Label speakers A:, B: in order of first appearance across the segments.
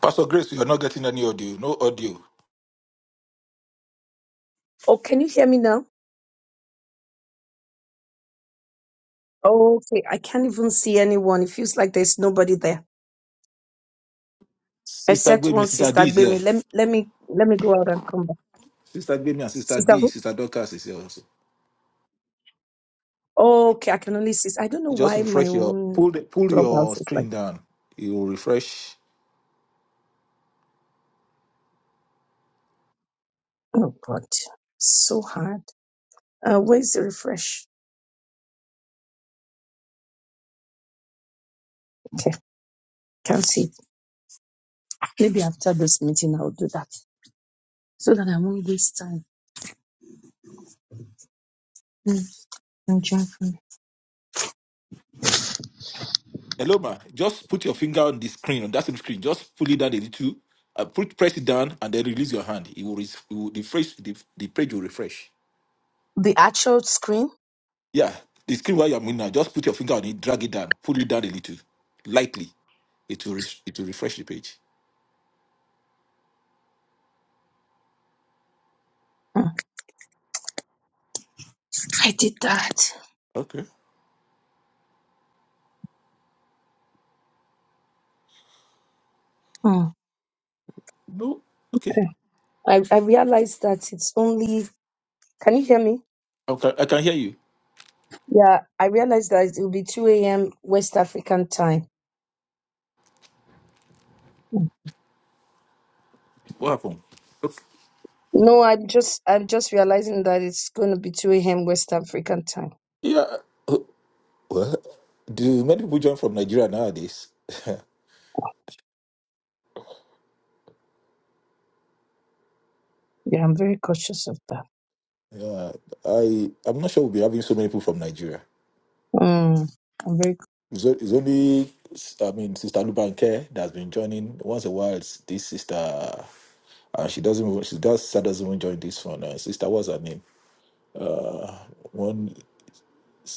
A: Pastor Grace, you are not getting any audio. No audio.
B: Oh, can you hear me now? okay, I can't even see anyone. It feels like there's nobody there
A: Sister
B: except
A: Gwemi,
B: one
A: Sister
B: sister
A: D is here.
B: Gbemi. Let me let me let me go out and come back.
A: Sister Gwemi and Sister
B: Sister
A: D,
B: who?
A: Sister Dorcas is here also.
B: Oh, okay, I can only see. I don't know
A: Just
B: why my
A: refresh your
B: own
A: pull the, pull your
B: clubhouse is like.
A: screen down. It will refresh.
B: Oh God, so hard. Uh, where's the refresh? Okay, can't see. Maybe after this meeting I'll do that so that I won't waste time. Mm, I'm joking.
A: Hello, ma. Just put your finger on the screen on that same screen. Just pull it down a little. Uh, put press it down and then release your hand. It will, res- it will refresh. The, the page will refresh.
B: The actual screen.
A: Yeah, the screen where you are moving now. Just put your finger on it. Drag it down. Pull it down a little, lightly. It will res- it will refresh the page.
B: Mm, I did that.
A: Okay.
B: Mm.
A: No. Okay.
B: I, I realized that it's only Can you hear me?
A: Okay, I can hear you.
B: Yeah, I realized that it will be 2 a.m. West African time.
A: What happened? Okay.
B: No, I'm just I'm just realizing that it's going to be 2 a.m. West African time.
A: Yeah. uh, What? Do many people join from Nigeria nowadays?
B: Yeah, I'm very cautious of that.
A: yeah, I I'm not sure we'll be having so many people from Nigeria.
B: Mm, I'm very
A: It's, o- it's only I mean Sister Lubanke that's been joining once in a while. It's this sister, and she doesn't even- she does she doesn't even join this one. Uh, sister, what's her name? Uh, one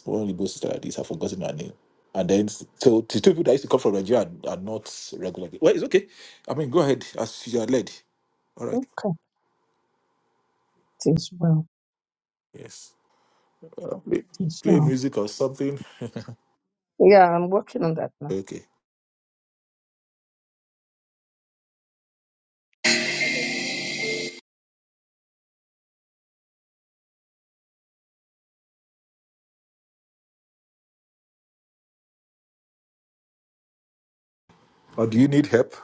A: one Igbo sister like this. I've forgotten her name. And then so the two people that used to come from Nigeria are, are not regular. Well, it's okay. I mean, go ahead as you are led. All right.
B: okay. It is well.
A: Yes. Uh, play,
B: It is
A: play
B: well.
A: music or something.
B: Yeah, I'm working on that now.
A: Okay. Or do you need help?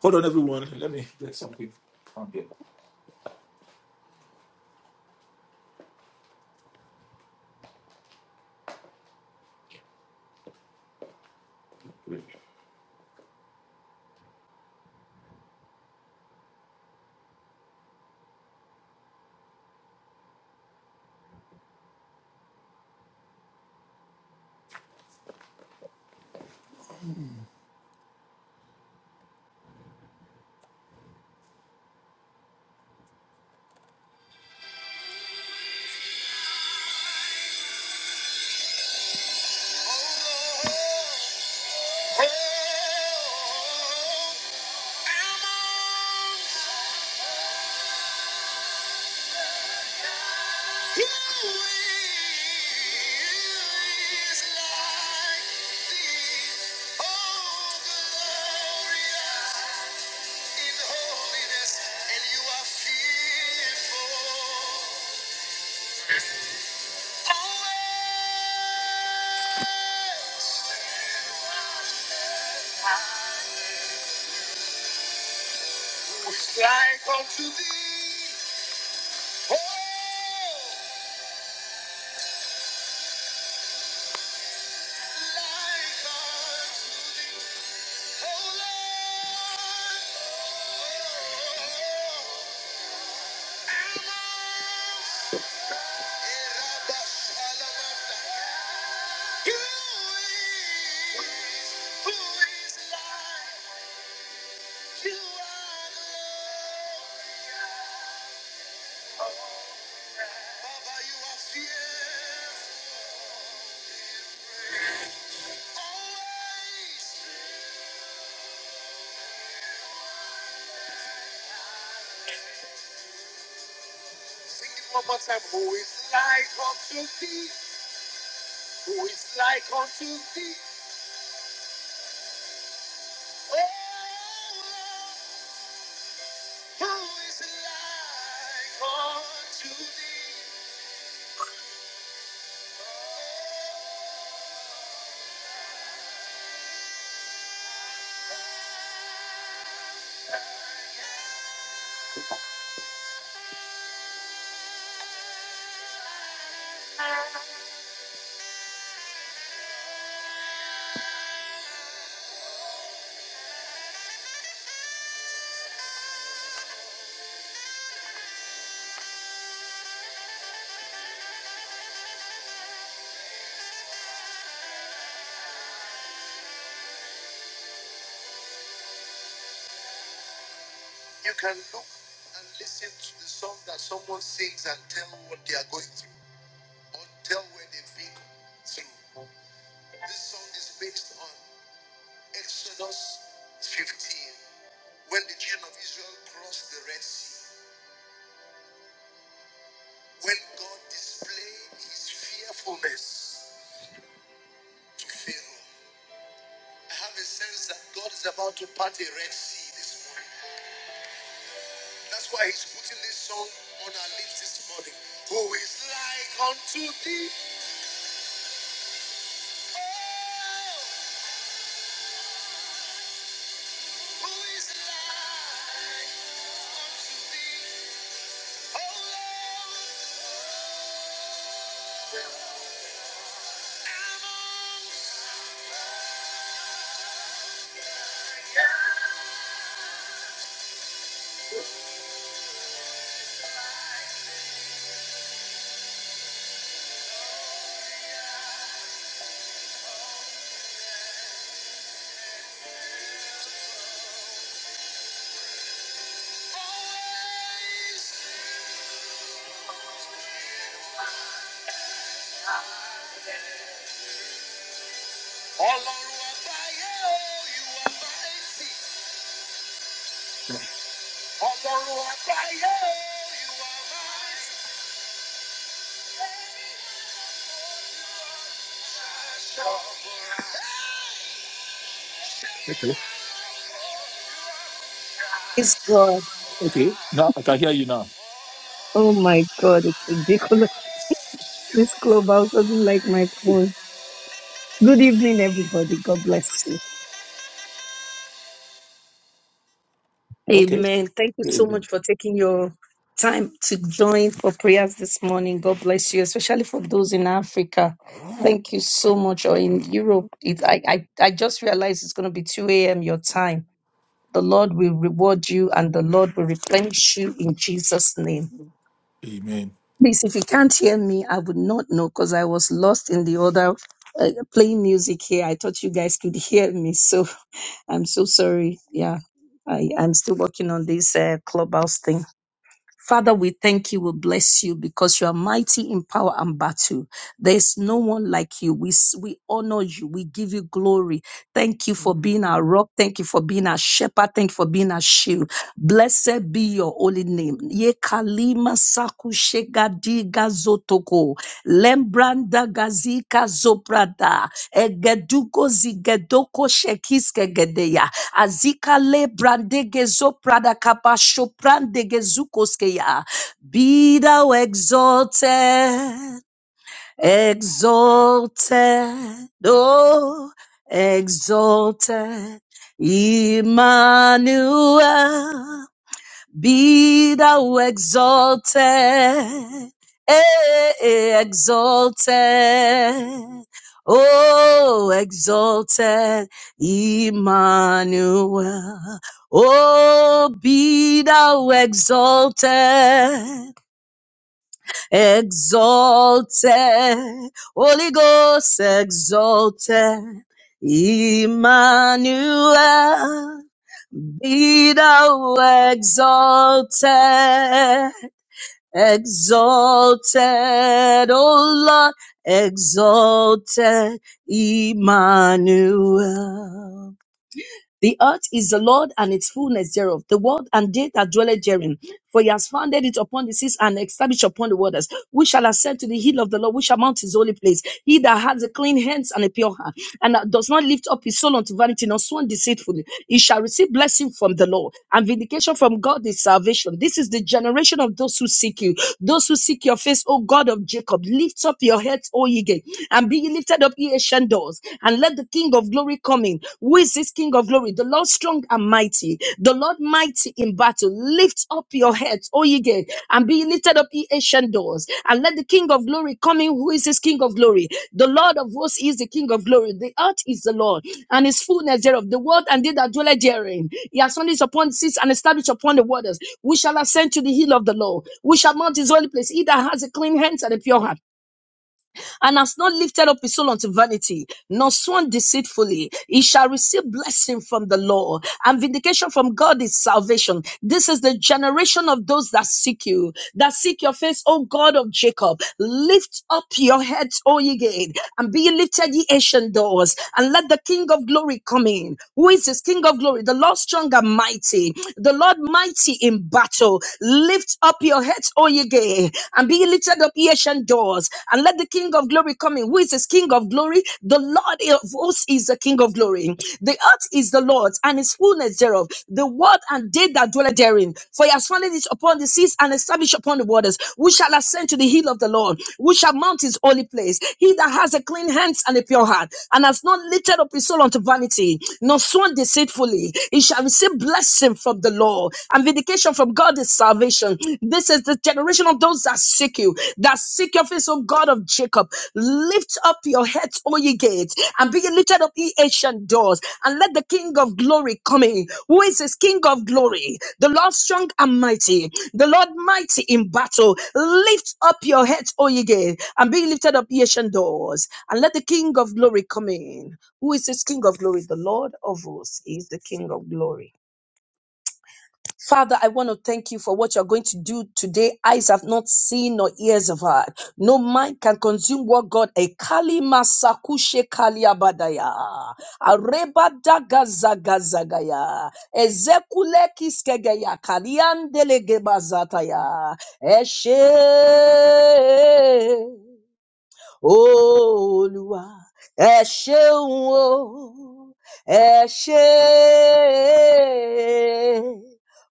A: Hold on, everyone. Let me get something. Like unto thee, oh. Always. Sing it one more time. Who is like unto thee? Who is like unto thee? Oh, who is like unto thee? Oh. You can look and listen to the song that someone sings and tell what they are going through or tell where they've been through. This song is based on Exodus 15. When the children of Israel crossed the Red Sea, when God displayed his fearfulness to Pharaoh, I have a sense that God is about to part a Red Sea this morning. That's why he's putting this song on our lips this morning. Who is like unto thee? Oh, who is like unto thee? Oh, Lord. All over fire, you are mighty. Okay,
B: It's God.
A: okay. Now I can hear you now.
B: Oh my God, it's ridiculous. This clubhouse doesn't like my phone. Good evening, everybody. God bless you.
A: Okay.
B: Amen. Thank you so
A: Amen.
B: much for taking your time to join for prayers this morning. God bless you, especially for those in Africa. Thank you so much. Or in Europe, it, I, I, I just realized it's going to be 2 a.m. your time. The Lord will reward you and the Lord will replenish you in Jesus' name.
A: Amen.
B: Please, if you can't hear me, I would not know because I was lost in the other uh, playing music here. I thought you guys could hear me, so I'm so sorry. Yeah, I, I'm still working on this uh, clubhouse thing. Father, we thank you. We bless you because you are mighty in power and battle. There is no one like you. We, s- we honor you. We give you glory. Thank you for being our rock. Thank you for being our shepherd. Thank you for being our shield. Blessed be your holy name. Ye kalima saku shegadiga zotoko. Lembranda gazika zoprada Egeduko zigedoko shekiske gedeya. Azika le lebrande gezoprada kapasho prande gezukoskeya. Be thou exalted, exalted, oh, exalted. Emmanuel. Be thou exalted, eh, exalted, oh, exalted Emmanuel. Oh, be thou exalted, exalted, Holy Ghost, exalted Emmanuel. Be thou exalted, exalted, O Lord, exalted, Emmanuel. The earth is the Lord and its fullness thereof, the world and they that dwelleth therein. For he has founded it upon the seas and established upon the waters. We shall ascend to the hill of the Lord, we shall mount his holy place. He that has a clean hands and a pure heart, and that does not lift up his soul unto vanity, nor sworn deceitfully, he shall receive blessing from the Lord, and vindication from God is salvation. This is the generation of those who seek you, those who seek your face, O God of Jacob. Lift up your heads, O ye gates and be ye lifted up, ye ancient doors, and let the King of glory come in. Who is this King of glory? The Lord strong and mighty, the Lord mighty in battle. Lift up your heads, O ye gates, and be ye lifted up, ye ancient doors, and let the King of glory come in. Who is this King of glory? The Lord of hosts is the King of glory. The earth is the Lord, and his fullness thereof, the world and they that dwell therein. He has founded upon the seas and established upon the waters. We shall ascend to the hill of the Lord. We shall mount his holy place. He that has a clean hands and a pure heart and has not lifted up his soul unto vanity, nor sworn deceitfully, he shall receive blessing from the Lord and vindication from God is salvation. This is the generation of those that seek you, that seek your face, O God of Jacob. Lift up your heads, O ye gate, and be ye lifted, ye ancient doors, and let the King of glory come in. Who is this King of glory? The Lord strong and mighty, the Lord mighty in battle. Lift up your heads, O ye gate, and be lifted up, ye ancient doors, and let the King of glory come in. Who is this King of glory? The Lord of hosts is the King of glory. The earth is the Lord's and his fullness thereof, the world and they that dwell therein. For he has founded it upon the seas and established upon the waters. Who shall ascend to the hill of the Lord? Who shall mount his holy place? He that has a clean hands and a pure heart, and has not lifted up his soul unto vanity, nor sworn deceitfully, he shall receive blessing from the Lord and vindication from God God is salvation. This is the generation of those that seek you, that seek your face, O God of Jacob. Lift up your heads, O ye gates, and be ye lifted up, ye ancient doors, and let the King of glory come in. Who is this King of glory? The Lord strong and mighty, the Lord mighty in battle. Lift up your heads, O ye gates, and be ye lifted up, ye ancient doors, and let the King of glory come in. Who is this King of glory? The Lord of hosts is the King of glory. Father, I want to thank you for what you're going to do today. Eyes have not seen nor ears have heard. No mind can consume what God a kali masakushe kali abadaya. Areba daga zaga zagaya. Ezekule kiskegeya kaliandele gebazataya. Eshe. Olúwa ẹ ṣeun o ẹ ṣe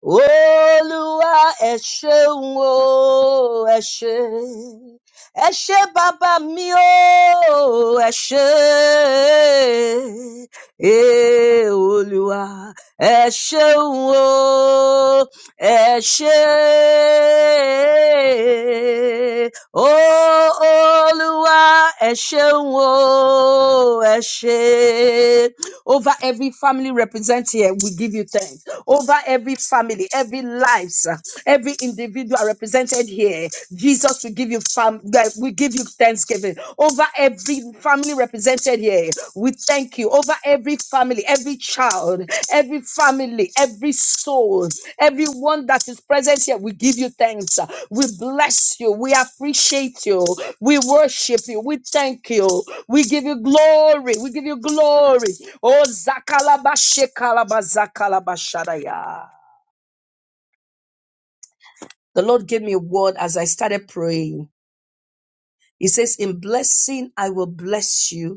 B: Olúwa ẹ ṣeun o ẹ ṣe ẹ ṣe bàbá mi o ẹ ṣe Ee, Olúwa ẹ ṣeun o ẹ ṣe Ó, Olúwa, ẹ ṣeun o, ẹ ṣé. Over every family represented here, we give you thanks. Over every family, every lives, uh, every individual represented here, Jesus will give you fam- that we give you thanksgiving. Over every family represented here, we thank you. Over every family, every child, every family, every soul. Everyone that is present here, we give you thanks. We bless you. We appreciate you. We worship you. We thank you. We give you glory. We give you glory. Oh, zakalabashe kalabazalabashadaya. The Lord gave me a word as I started praying. He says, In blessing, I will bless you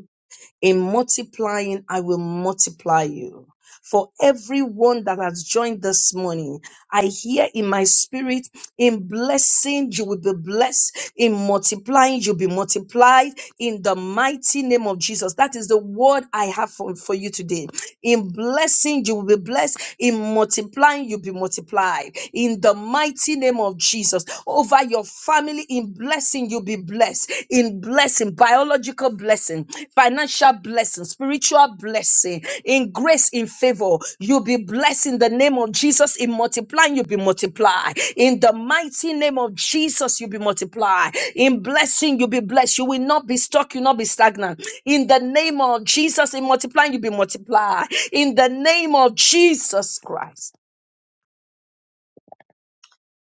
B: In multiplying, I will multiply you. For everyone that has joined this morning, I hear in my spirit, in blessing, you will be blessed. In multiplying, you'll be multiplied. In the mighty name of Jesus. That is the word I have for, for you today. In blessing, you will be blessed. In multiplying, you'll be multiplied. In the mighty name of Jesus. Over your family, in blessing, you'll be blessed. In blessing, biology biological blessing, financial blessing, spiritual blessing, in grace, in favor. You'll be blessed in the name of Jesus. In multiplying, you'll be multiplied. In the mighty name of Jesus, you'll be multiplied. In blessing, you'll be blessed. You will not be stuck, you'll not be stagnant. In the name of Jesus, in multiplying, you'll be multiplied. In the name of Jesus Christ.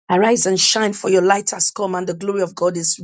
B: Arise and shine, for your light has come, and the glory of God is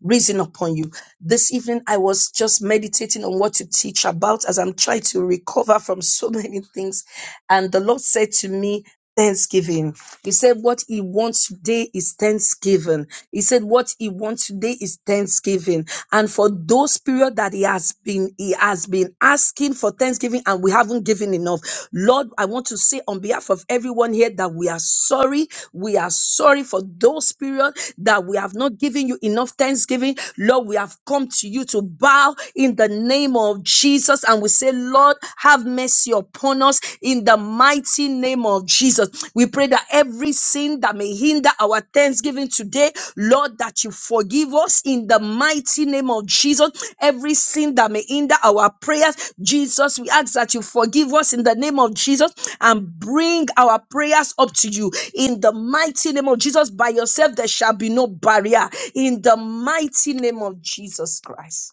B: risen upon you. This evening, I was just meditating on what to teach about as I'm trying to recover from so many things. And the Lord said to me, Thanksgiving. He said, What He wants today is Thanksgiving. He said, What He wants today is Thanksgiving. And for those period that He has been, He has been asking for Thanksgiving and we haven't given enough. Lord, I want to say on behalf of everyone here that we are sorry. We are sorry for those periods that we have not given you enough thanksgiving. Lord, we have come to you to bow in the name of Jesus and we say, Lord, have mercy upon us in the mighty name of Jesus. We pray that every sin that may hinder our thanksgiving today, Lord, that you forgive us in the mighty name of Jesus. Every sin that may hinder our prayers, Jesus, we ask that you forgive us in the name of Jesus and bring our prayers up to you in the mighty name of Jesus. By yourself, there shall be no barrier in the mighty name of Jesus Christ.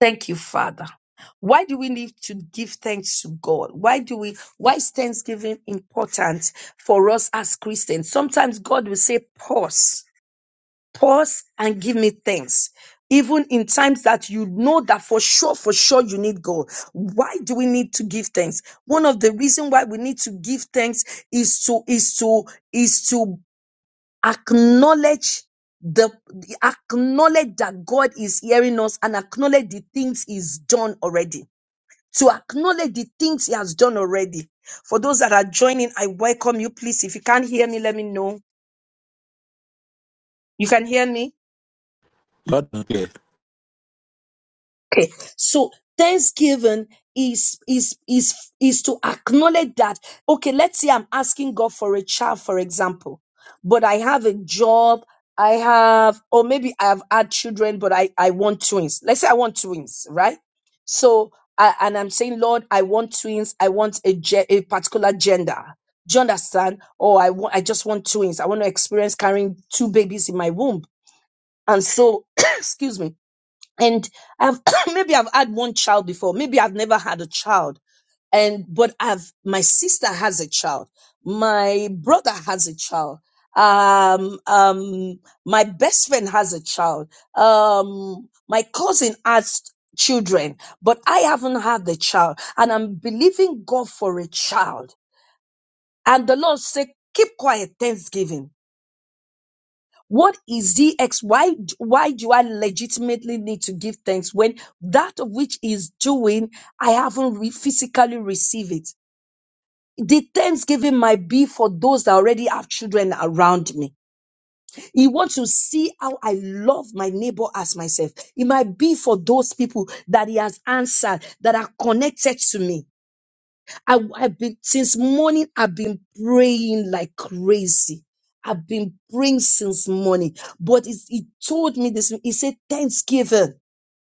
B: Thank you, Father. Why do we need to give thanks to God? Why do we why is thanksgiving important for us as Christians? Sometimes God will say, pause, pause and give me thanks. Even in times that you know that for sure, for sure you need God. Why do we need to give thanks? One of the reasons why we need to give thanks is to is to is to acknowledge the acknowledge that God is hearing us and acknowledge the things he's done already. To acknowledge the things he has done already. For those that are joining, I welcome you. Please, if you can't hear me, let me know. You can hear me?
A: Loud and clear.
B: Okay, so thanksgiving is is is is to acknowledge that. Okay, let's say I'm asking God for a child, for example, but I have a job, I have, or maybe I have had children, but I I want twins. Let's say I want twins, right? So I, and I'm saying, Lord, I want twins. I want a ge- a particular gender. Do you understand? Or I want, I just want twins. I want to experience carrying two babies in my womb. And so, excuse me and I've maybe I've had one child before, maybe I've never had a child, and but I've my sister has a child, my brother has a child, um, um, my best friend has a child, um, my cousin has children, but I haven't had the child, and I'm believing God for a child, and the Lord said, keep quiet, Thanksgiving what is the DX? Why, d- why do I legitimately need to give thanks when that of which is doing, I haven't re- physically received it? The thanksgiving might be for those that already have children around me. He wants to see how I love my neighbor as myself. It might be for those people that he has answered that are connected to me. I, have been since morning. I've been praying like crazy. I've been praying since morning. But it, it told me this. He said Thanksgiving.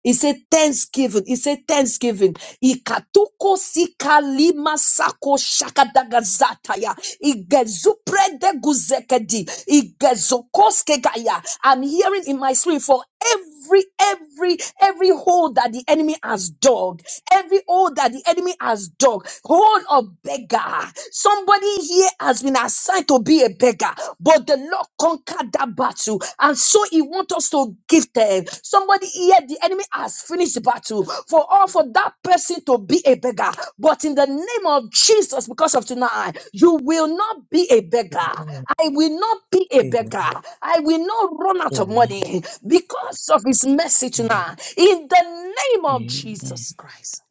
B: He said thanksgiving. He said thanksgiving. Ikatuko sika lima sako shakadagazataya. Igezuprede guzekedi. Igezokoske gaya. I'm hearing in my spirit for every, every, every hole that the enemy has dug. Every hole that the enemy has dug. Hole of beggar. Somebody here has been assigned to be a beggar beggar, but the Lord conquered that battle. And so he wants us to give them. Somebody here, the enemy has finished the battle for all for that person to be a beggar. But in the name of Jesus, because of tonight, you will not be a beggar. I will not be a beggar. I will not run out of money because of his mercy tonight. In the name of Jesus Christ.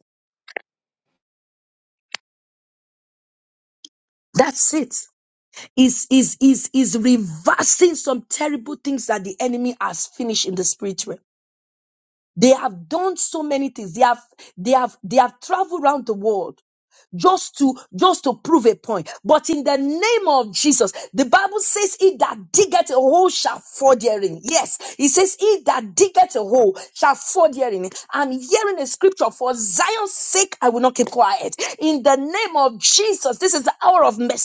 B: That's it. is is is is reversing some terrible things that the enemy has finished in the spirit realm. They have done so many things. They have they have they have traveled around the world just to just to prove a point. But in the name of Jesus, the Bible says, "He that diggeth a hole shall fall therein." Yes, it says, "He that diggeth a hole shall fall therein." I'm hearing a scripture for Zion's sake. I will not keep quiet. In the name of Jesus, this is the hour of mercy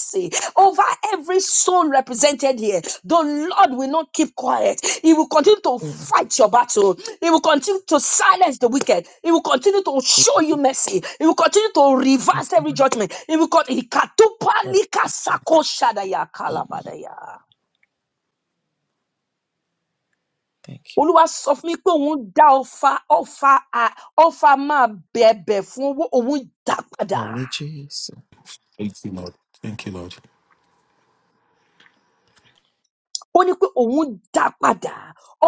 B: over every soul represented here. The Lord will not keep quiet. He will continue to fight your battle. He will continue to silence the wicked. He will continue to show you mercy. He will continue to reverse every judgment. He will continue. Olúwa sọ fún mi pé òun dá ọfà ọfà ọfà máa bẹ̀bẹ̀ fún owó òun dá padà.
A: Thank you, Lord. Thank you, Lord.
B: ó ní pé òun dá padà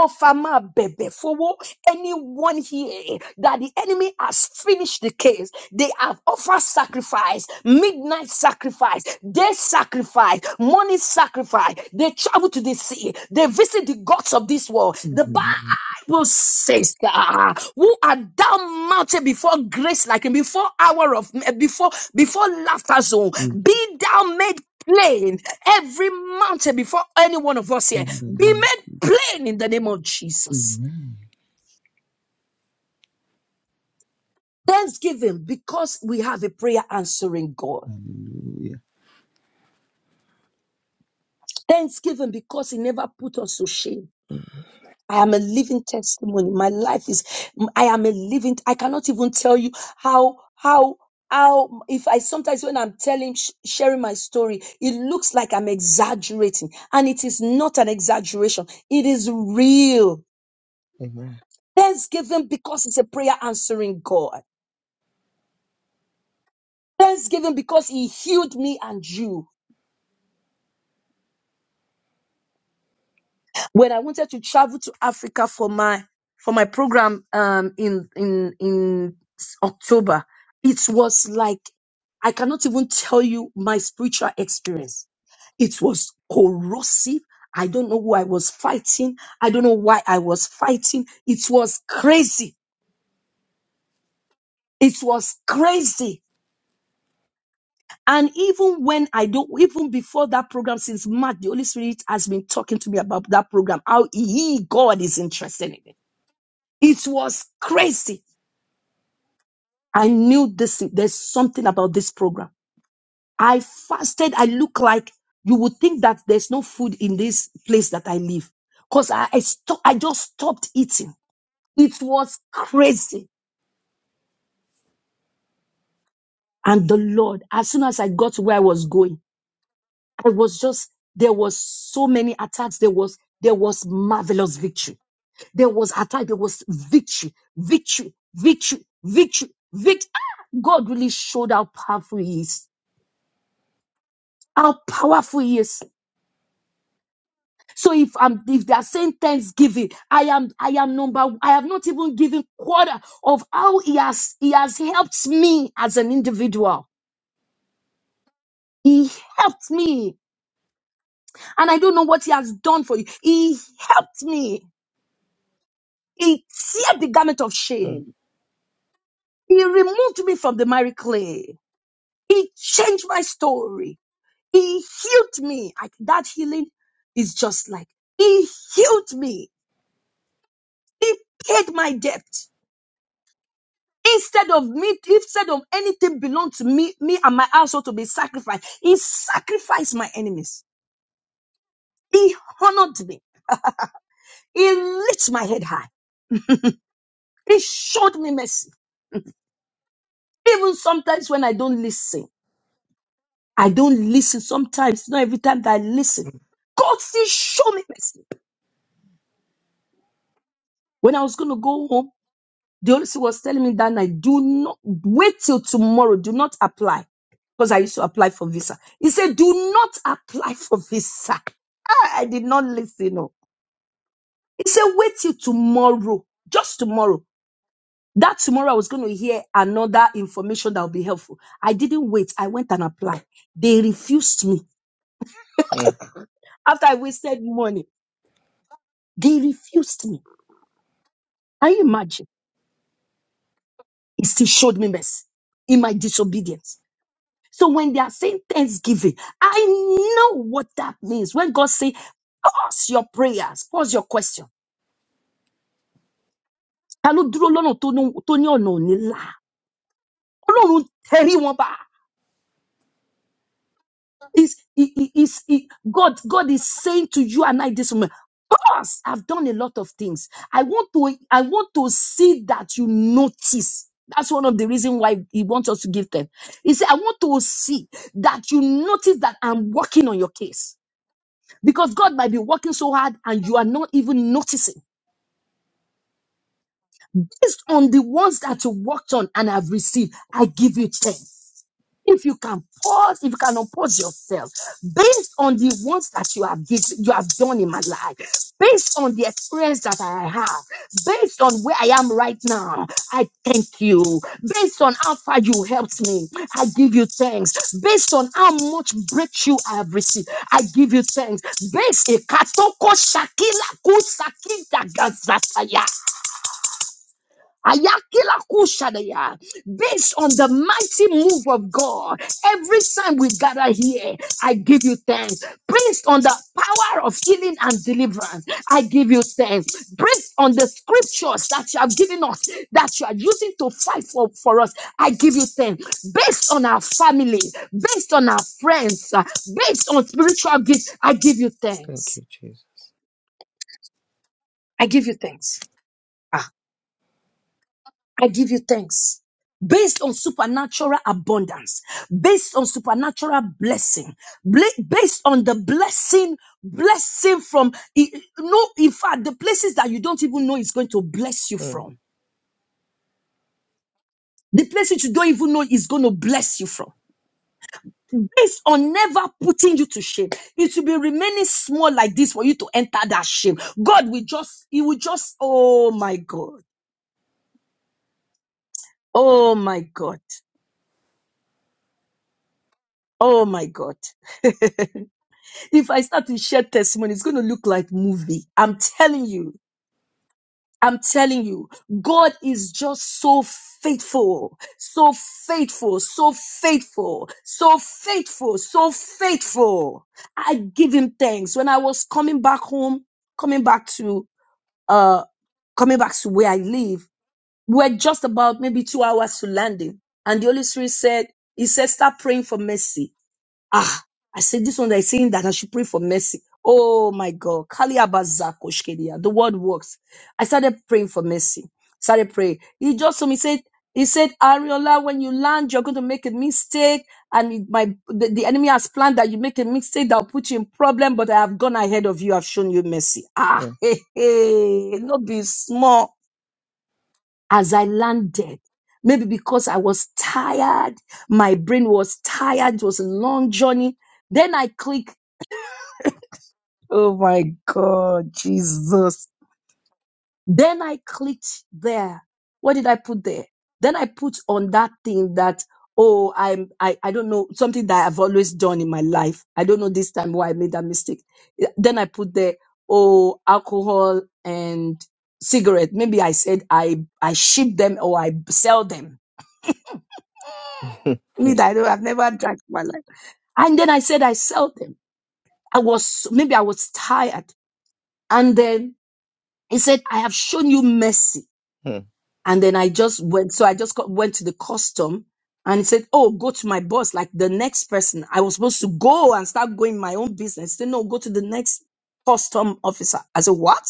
B: ọfà máa bẹ̀bẹ̀ fowó anyone here that the enemy has finished the case they have offered sacrifice midnight sacrifice day sacrifice morning sacrifice they travel to the sea they visit the gods of this world the Bible says, ah, "Who are thou mounted before grace, like him, before hour of eh, before before laughter zone? Be thou made plain every mountain before any one of us here. Be made plain in the name of Jesus." Thanksgiving because we have a prayer answering God. Thanksgiving because He never put us to shame. I am a living testimony. My life is, I am a living, I cannot even tell you how, how, how, if I sometimes when I'm telling, sh- sharing my story, it looks like I'm exaggerating. And it is not an exaggeration. It is real. Thanksgiving because it's a prayer answering God. Thanksgiving because He healed me and you. when I wanted to travel to Africa for my for my program um in in in s- October, it was like I cannot even tell you my spiritual experience. It was corrosive. I don't know who I was fighting. I don't know why I was fighting. It was crazy. It was crazy. And even when I don't, even before that program, since March, the Holy Spirit has been talking to me about that program, how He, God, is interested in it It was crazy. I knew this. There's something about this program. I fasted. I look like you would think that there's no food in this place that I live because I, I, sto- I just stopped eating. It was crazy. And the Lord, as soon as I got to where I was going, I was just, there was so many attacks. There was, there was marvelous victory. There was attack. There was victory, victory, victory, victory, victory. Ah! God really showed how powerful He is How powerful he is. So if I'm if they are saying thanksgiving, I am I am number I have not even given quarter of how he has he has helped me as an individual. He helped me. And I don't know what he has done for you. He helped me. He tear the garment of shame. He removed me from the miry clay. He changed my story. He healed me. I, that healing is just like he healed me. He paid my debt. Instead of me, instead of anything belong to me, me and my household to be sacrificed, he sacrificed my enemies. He honored me. He lifted my head high. He showed me mercy. Even sometimes when I don't listen, I don't listen. Sometimes, not every time that I listen, God still showed me mercy. When I was going to go home, The Holy Spirit was telling me that night, do not wait till tomorrow. Do not apply. Because I used to apply for visa. He said, do not apply for visa. Ah, I did not listen. No. He said, wait till tomorrow. Just tomorrow. That tomorrow I was going to hear another information that will be helpful. I didn't wait. I went and applied. They refused me. After I wasted money, they refused me. Can you imagine? He still showed me mercy in my disobedience. So when they are saying thanksgiving, I know what that means. When God say, pause your prayers, pause your question. Ta ló dúró lọ́nà tó ní tó ní ọ̀nà ò ní là? Ọlọ́run tẹrí wọn bá. Is i- i- is i- God God is saying to you and I this moment, pause. I've done a lot of things. I want to I want to see that you notice. That's one of the reasons why he wants us to give them. He said, I want to see that you notice that I'm working on your case. Because God might be working so hard and you are not even noticing. Based on the ones that you worked on and have received, I give you 10 if you can pause, if you can oppose yourself based on the ones that you have given, you have done in my life, based on the experience that I have, based on where I am right now, I thank you. Based on how far you helped me, I give you thanks. Based on how much breakthrough I have received, I give you thanks. Based on Ayakila kushadaya. Based on the mighty move of God, every time we gather here, I give you thanks. Based on the power of healing and deliverance, I give you thanks. Based on the scriptures that you have given us, that you are using to fight for, for us, I give you thanks. Based on our family, based on our friends, uh, based on spiritual gifts, I give you thanks. I give you thanks. Ah. I give you thanks. Based on supernatural abundance, based on supernatural blessing, bla- based on the blessing, blessing from, i- i- no, in fact, the places that you don't even know is going to bless you from, the places you don't even know is going to bless you from, based on never putting you to shame, it will be remaining small like this for you to enter that shame. God will just, He will just, oh my God, oh my God, oh my God. if I start to share testimony, it's going to look like movie. I'm telling you. I'm telling you, God is just so faithful, so faithful, so faithful, so faithful, so faithful. I give him thanks. When I was coming back home, coming back to, uh, coming back to where I live, we we're just about maybe two hours to landing. And the Holy Spirit said, he said, start praying for mercy Ah, I said this one that is saying that I should pray for mercy. Oh my God. Kali Abazako Shkedia. The word works. I started praying for mercy. Started praying. He just told me, said, he said, Ariola, when you land, you're going to make a mistake. And it- my the, the enemy has planned that you make a mistake that will put you in problem, but I have gone ahead of you. I've shown you mercy. Ah, hey, hey, not be small as I landed. Maybe because I was tired, my brain was tired, it was a long journey. Then I clicked, oh my God, Jesus. Then I clicked there. What did I put there? Then I put on that thing that, oh, I'm, I, I don't know, something that I've always done in my life. I don't know this time why I made that mistake. Eh, Then I put there, oh, alcohol and cigarette. Maybe I said I, I ship them or I sell them Me, that I don't, I've never drank in my life. And then I said, I sell them. I was, maybe I was tired. And then he said, I have shown you mercy. And then I just went, so I just got, went to the custom and he said, Oh, go to my boss, like the next person. I was supposed to go and start going my own business. He said, No, go to the next custom officer. I said, What?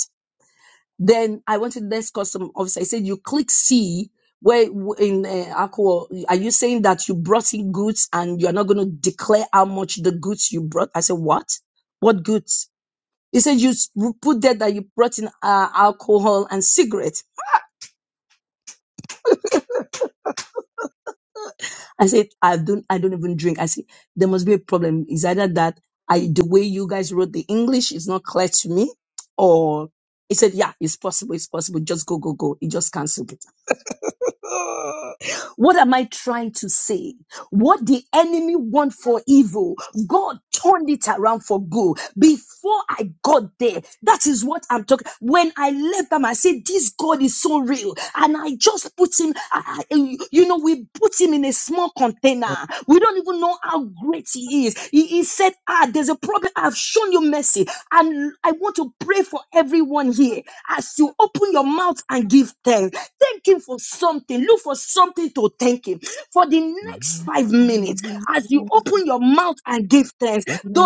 B: Then I wanted to the next custom officer. I said, "You click C where w- in uh, Aqua, are you saying that you brought in goods and you are not going to declare how much the goods you brought?" I said, "What? What goods?" He said, "You s- you put there that you brought in uh, alcohol and cigarette." I said, "I don't, I don't even drink." I said, "There must be a problem. It's either that I the way you guys wrote the English is not clear to me, or." He said, Yeah, it's possible, it's possible. Just go, go, go. He just cancelled it. What am I trying to say? What the enemy want for evil, God turned it around for good. Before I got there, that is what I'm talking. When I left them, I said, this God is so real. And I just put him, I, I- eh, you know, we put him in a small container. We don't even know how great he is. He, he said, ah, there's a problem. I've shown you mercy. And I want to pray for everyone here as you open your mouth and give thanks. Thank him for something. Look for something to thank him me for the next five minutes as you open your mouth and give thanks. The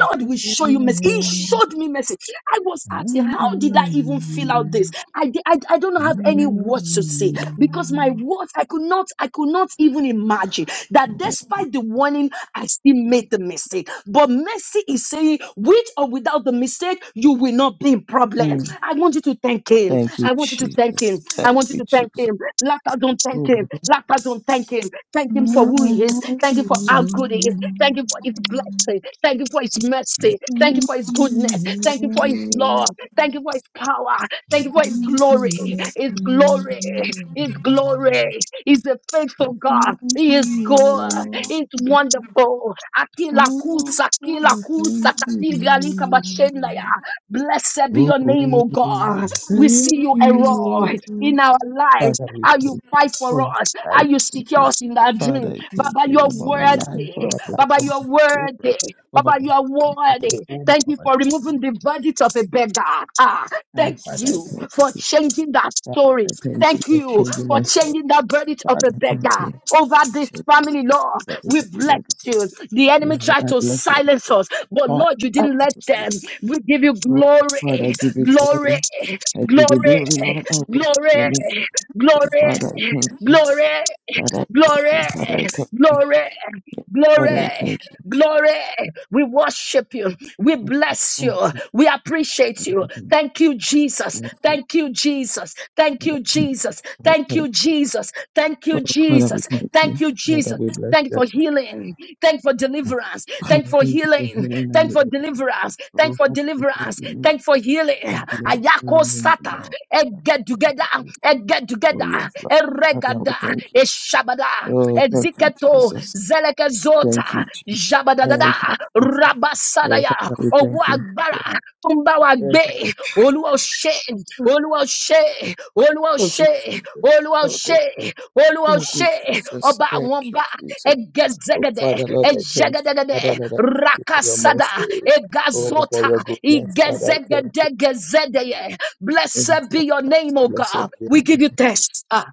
B: Lord will show you mercy. He showed me mercy. I was asking, how did I even fill out this? I, di- I, I don't have any words to say because my words, I could not, I could not even imagine that despite the warning, I still made the mistake. But mercy is saying, with or without the mistake, you will not be in problem. I want you to thank him. I want you to thank him. I want you to thank him. Laughter, don't thank thank him. Lapazon, thank him. Thank him for who he is. Thank him for how good he is. Thank him for his blessing. Thank him for his mercy. Thank you for his goodness. Thank you for his love. Thank you for his power. Thank you for his glory. His glory. His glory. He's a faithful God. He is good. He's wonderful. Akila kusa, akila kusa, katiga lika
C: Should
B: bashenda ya. Blessed be your name, O God. We see you, Error, in our life lives, how you fight for us, how you secure us in that dream. Baba, you're worthy. Baba, you're worthy. Baba, you are worthy. Thank you for removing the verdict of a beggar. Ah, thank you for changing that story. Thank you for changing that verdict of a beggar over this family, Lord. We bless you. The enemy tried to silence us, but Lord, you didn't let them. We give you glory, glory, glory glory, glory, glory, glory, glory. Glory, glory. We worship you. We bless you. We appreciate you. Thank you, Jesus. Thank you, Jesus. Thank you, Jesus. Thank you, Jesus. Thank you, Jesus. Thank you, Jesus. Thank you for healing. Thank you for deliverance. Thank you for healing. Thank you for deliverance. Thank you for deliverance. Thank you for healing. Ayako sata. Egg get together. Egg get together regada, eshabada, eziketo, zelekezota, jabadadada, rabasadaya, ọwọ́ agbára tó wa gbé, olúwa ó ṣe, olúwa ó ṣe, olúwa ó ṣe, olúwa ó ṣe, olúwa ó ṣe, ọba àwọn ọba, ẹgẹzẹgẹdẹ, ẹjẹgẹdẹgẹdẹ, rakasada, egazota, igẹzẹgẹdẹgẹzẹdẹyẹ. Blessed be your name, O God. We give you thanks. Ah,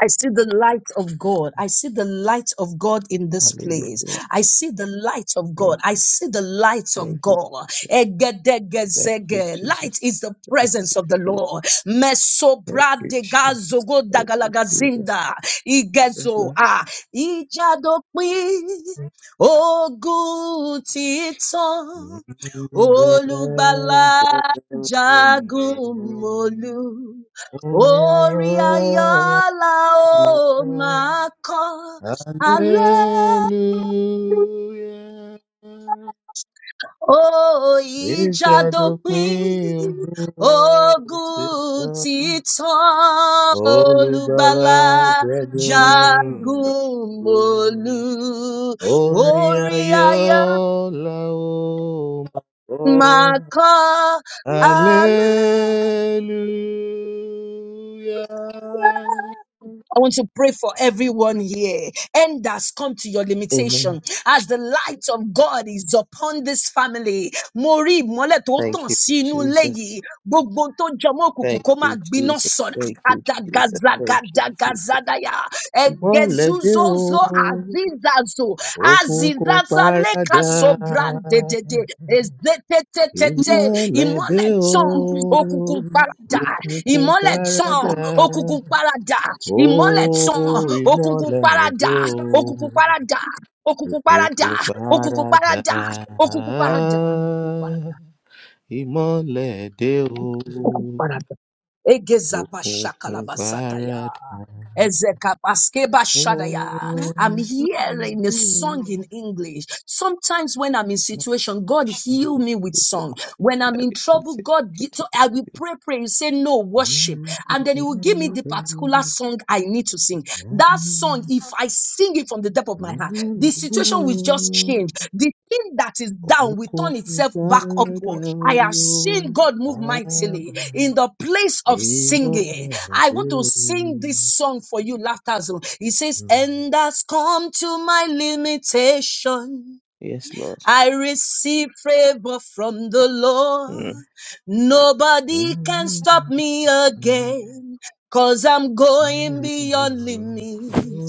B: I see the light of God. I see the light of God in this place. I see the light of God. I see the light of God. Egedegezege. Light is the presence of the Lord. Mesobradegazogodagalagazinda. Igezo. Ah. Ijadopin. Ogun titan. Olùgbàlà jagun mólú. Orí Ayọ́lá ó máa kọ́ alẹ́ ó ìjà dópin ogun títàn olùgbàlà jagun mólú orí ayọ̀ máa kọ́ alẹ́ I want to pray for everyone here. End has come to your limitation. As the light of God is upon this family, mo rí ìmọ́lẹ̀ tó tàn sí inú ilé yìí. Gbogbo ohun tó jọmọ́ òkùnkùn kó máa gbiná sọ̀nà. Adagazagadagadaya. Egezuzozo azizazo. Azizaza leka sobrande de de. ezete te te te. Ìmọ́lẹ̀ tàn òkùnkùn paradà. Ìmọ́lẹ̀ tàn òkùnkùn paradà. Ìmọ́lẹ̀ tàn òkùnkùn paradà. Òkùnkùn paradà. Òkùnkùn paradà. Òkùnkùn paradà. Òkùnkùn paradà. Òkùnkùn paradà ukuparata egezabashakalabasataya ezekapaskebashadaya i'm hearing a song in english sometimes when i'm in situation god heal me with song when i'm in trouble god gi- so i will pray pray you say no worship and then he will give me the particular song i need to sing that song if i sing it from the depth of my heart. The situation will just change. The thing that is down will turn itself back upward. I have seen God move mightily in the place of singing. I want to sing this song for you, Laughter Zone. It says, And has come to my limitation. I receive favor from the Lord. Nobody can stop me again. Cause I'm going beyond limit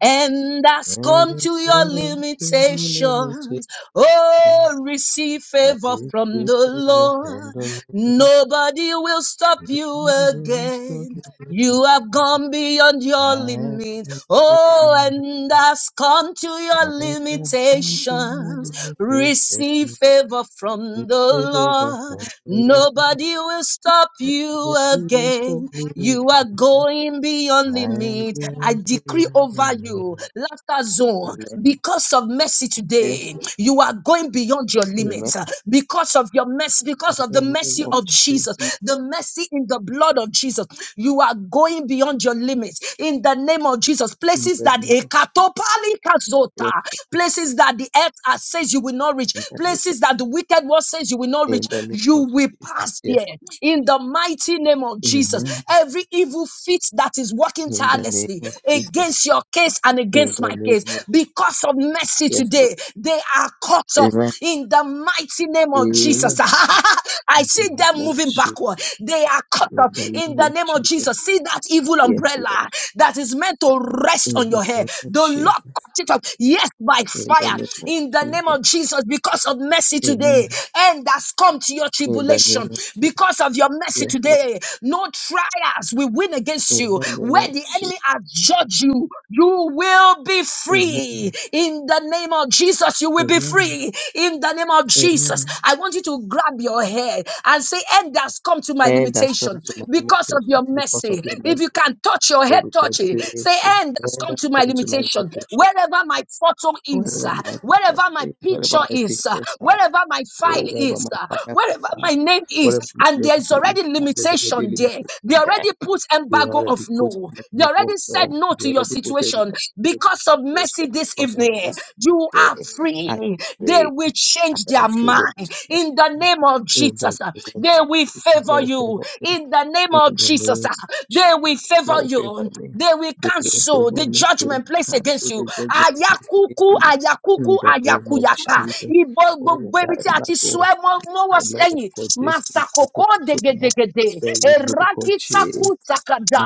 B: and has come to your limitations. Oh, receive favor from the Lord. Nobody will stop you again. You have gone beyond your limit. Oh, and has come to your limitations. Receive favor from the Lord. Nobody will stop you again. You are going beyond limit. I decree over you, laughter zone, because of mercy today, you are going beyond your limits. uh, Because of your mercy, because of the mercy of Jesus, the mercy in the blood of Jesus, you are going beyond your limits. In the name of Jesus, places that a katopali kazota, places that that the earth has says you will not reach, places that the wicked one says you will not reach, you will pass there. In the mighty name of Jesus, every evil fit that is working tirelessly against your case and against my case, because of mercy today, they are cut off. In the mighty name of Jesus, I see them moving backward. They are cut off. In the name of Jesus, see that evil umbrella that is meant to rest on your head. The Lord cut it off yes, by fire in the name of Jesus because of mercy today. And has come to your tribulation because of your mercy today. No trials will win against you. Where the enemy has judged you, you will be free in the name of Jesus. You will be free in the name of Jesus. I want you to grab your hair and say, End has come to my limitation because of your mercy. If you can touch your head, touch it. Say, End has come to my limitation wherever my photo is, uh, wherever my picture is, uh, wherever my file is, uh, wherever my name is, and there's already limitation there. They already put embargo of no. They already said no to your situation because of mercy this evening. You are free. They will change their mind in the name of Jesus. uh, They will favor you in the name of Jesus. uh, They will favor you. They will cancel the judgment placed against you. Ayakuku, ayakuku, ayakuyaka. Ibo gbogbo ibi tí a ti sọ ẹ́ mọ́ mọ́wọ́ sẹ́yìn. Masakoko degedegede. Erakitaku takada.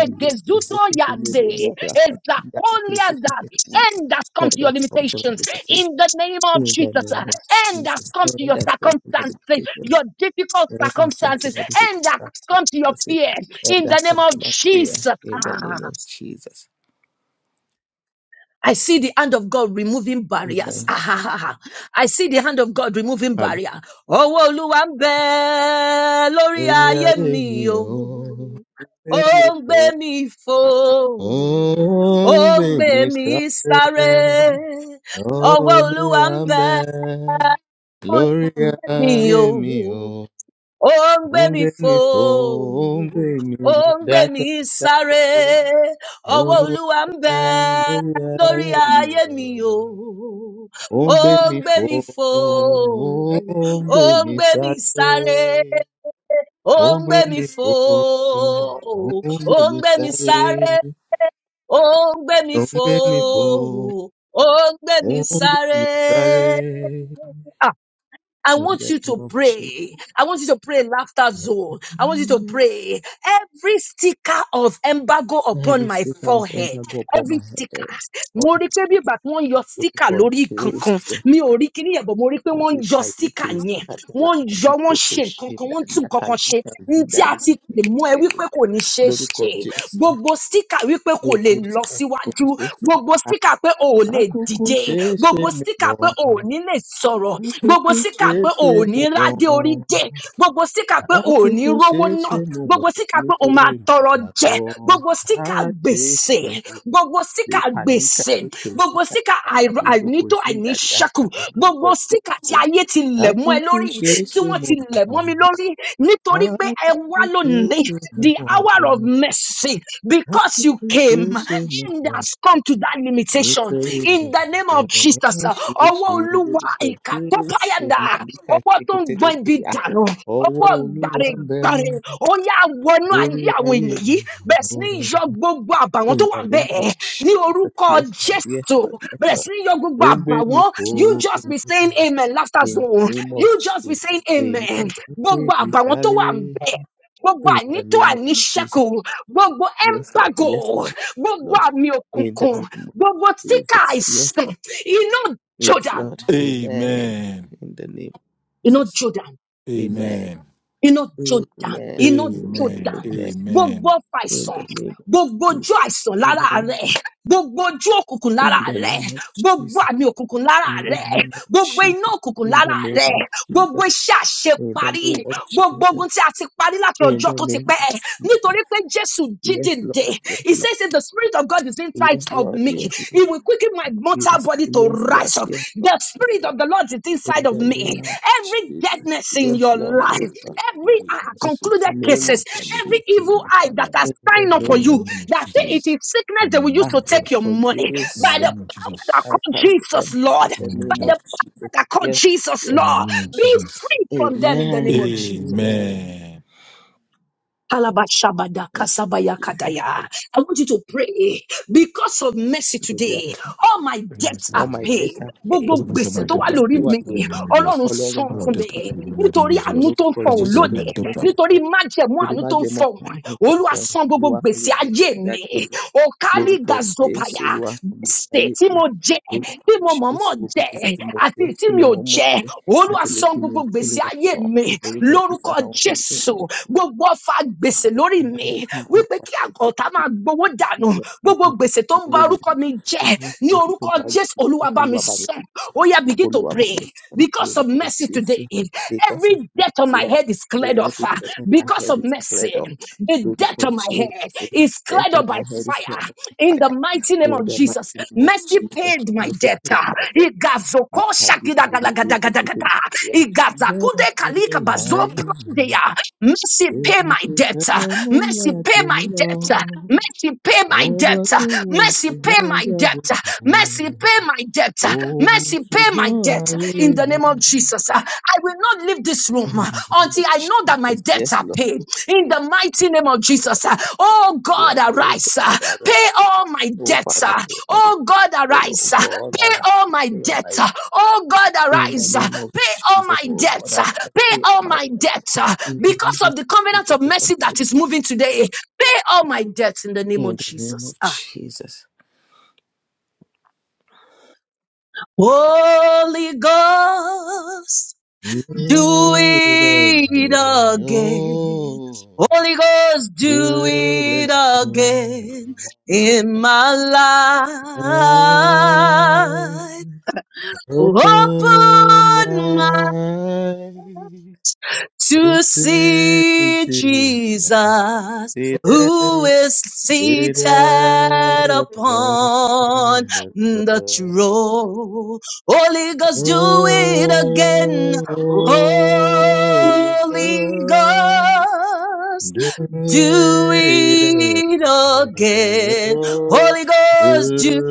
B: Egezuto yande. Ezakolianda. End has come to your limitations. In the name of Jesus. End has come to your circumstances. Your difficult circumstances. End has come to your fear. In the name of Jesus. Ah. I see the hand of God removing barriers. Ah, ha ha ha! I see the hand of God removing barrier. Ọwọ́ Olúwa ń bẹ lórí ayé mi o. Ó ń gbé mi fò. Ó ń gbé mi sáré. Ọwọ́ Olúwa ń bẹ lórí mi o ó ń gbé mi fò ó ń gbé mi sáré ọwọ olúwa ń bẹ lórí ayé mi o ó ń gbé mi fò ó ń gbé mi sáré ó ń gbé mi fò ó ń gbé mi sáré ó ń gbé mi fò ó ń gbé mi sáré I want you to pray. I want you to pray laughter zone. I want you to pray every sticker of embargo upon my forehead. Every sticker. Mo rí pé bí ìgbà tí wọ́n ń yọ sticker lórí kankan. Mi ò rí kíní yẹn, but mo rí pé wọ́n ń yọ sticker yẹn. Wọ́n ń yọ, wọ́n ń ṣe nǹkan kan, wọ́n ń tún nǹkan kan ṣe. Ní tí a ti pè mú ẹ wípé kò ní ṣeé ṣe gbogbo síkà wípé kò lè lọ síwájú gbogbo síkà pé o ò lè dìde gbogbo síkà pé o ò ní lè sọ̀rọ̀ gbogbo síkà pé o ò ní rádé orí dé gbogbo síkà pé o ò ní rówó náà gbogbo síkà pé o máa tọrọ jẹ gbogbo síkà gbèsè gbogbo síkà gbèsè gbogbo síkà àìr- àìnító àìníṣẹ́kù gbogbo síkà tí ayé ti lẹ̀ mọ́ ẹ lórí tí wọ́n ti lẹ̀ mọ́ mi lórí nítorí pé ẹ wá lónìí the hour of mercy because you came and has come to that limitation in the name of Jesus. Ọwọ́ Olúwa ìkà tó páyàdà, ọwọ́ tó ń gbọ́n ibi dànù, ọwọ́ gbàrègbàrè, ó yá wọnú ayé àwọn èèyàn yìí bẹ̀rẹ̀ sí ní yọ gbogbo àbàwọ́n tó wà bẹ́ẹ̀ ní orúkọ Jésù bẹ̀rẹ̀ sí ní yọ gbogbo àbàwọ́n you just be saying amen laughter zone you just be saying amen gbogbo àbàwọ́n tó wà bẹ́ẹ̀ gbogbo ànító àníṣẹ́kù gbogbo ẹ̀mpágò gbogbo àmì òkùnkùn gbogbo tíkà àìsàn iná jordan
A: Amen.
B: iná jordan
A: Amen.
B: iná jordan iná
A: Amen.
B: jordan gbogbo
A: Amen.
B: ọfà àìsàn gbogbo ojú àìsàn lára rẹ gbogbo ojú òkùnkùn lára rẹ gbogbo àmì òkùnkùn lára rẹ gbogbo iná òkùnkùn lára rẹ gbogbo iṣẹ́ àṣeparí gbogbo ogun tí a ti parí láti ọjọ́ tó ti pẹ́ nítorí pé Jésù jí dìde he says that the spirit of God is inside of me he will quicken my mortal body to rise up the spirit of the Lord is inside of me every deadness in your life every uh, concluded cases every evil eye that has signed up
A: In
B: for
A: the
B: you
A: name of
B: that it is
A: Jesus.
B: sickness
A: In
B: that
A: the
B: will use to
A: name of
B: take
A: Jesus.
B: your money
A: In
B: by
A: the
B: the
A: name of
B: power that
A: Jesus.
B: called Jesus Lord
A: In the
B: by
A: name
B: the
A: of Jesus.
B: power that called Jesus,
A: In the
B: Lord.
A: name of
B: Be
A: Jesus.
B: free from them in the name of Jesus.
A: Amen.
B: Kalabashabada kasabaya kadaya. I want you to pray because of mercy today. All my
A: In the name of
B: debts are
A: Jesus.
B: paid.
A: Because
B: Gbogbo
A: of this, my
B: gbèsè tó wà
A: debt are
B: lórí
A: paid.
B: mi,
A: In the name of Jesus.
B: Ọlọ́run san
A: All our
B: fún mi.
A: debt are paid. In the name
B: Nítorí
A: of
B: àánú
A: Jesus.
B: tó ń fọhùn
A: Because of all my
B: lónìí,
A: debt are paid.
B: nítorí májẹ̀mú àánú tó ń fọhùn, Olúwa san gbogbo gbèsè ayé mi. Okali Gazopaya, ṣe tí mo jẹ tí mo mọ̀mọ́ jẹ àti tí mi ò jẹ olúwa san gbogbo gbèsè ayé mi lórúkọ jésù gbogbo ọfà gbèsè lórí mi wípé kí àgọ́ta máa gbowó dànù gbogbo gbèsè tó ń ba orúkọ mi jẹ ní orúkọ jésù olúwa bá mi san ó yá bìgí to pray because of mercy today. Every debt on my head is cleared off ah, because of mercy. The debt on my head is cleared up by fire in the mighty name of Jesus. Mercy paid my debt. ah. Igazoko shakidagalagadagada. Igazakude kalikabazo prandeya. Mercy paid pay my debt. uh, Mercy, pay my debt. uh, Mercy, pay my debt. uh, Mercy, pay my debt. uh, Mercy, pay my debt. uh, Mercy, pay my debt. In the name of Jesus, uh, I will not leave this room uh, until I know that my debts are paid. In the mighty name of Jesus, uh, oh God, arise. uh, Pay all my debts. uh, Oh God, arise. Pay all my debts. Oh God, arise. Pay all my debts. Pay all my debts. Because of the covenant of mercy that is moving today, pay all my debts in the name of Jesus. Ah. Holy Ghost, do
C: I
B: it
C: hear-
B: again.
C: Oh,
B: Holy Ghost, do
C: should I
B: it
C: hear-
B: again in my
C: I
B: life.
C: open
B: Open
C: my eyes to
B: to
C: see
B: see
C: thee.
B: Jesus
C: See
B: who
C: that,
B: is
C: see
B: seated
C: that upon
B: upon
C: the
B: the
C: throne.
B: throne. Holy Ghost, do it again.
C: Oh, holy
B: Holy
C: God.
B: Ghost,
C: Do
B: do
C: it again.
B: it again. Holy
C: Do
B: Ghost, do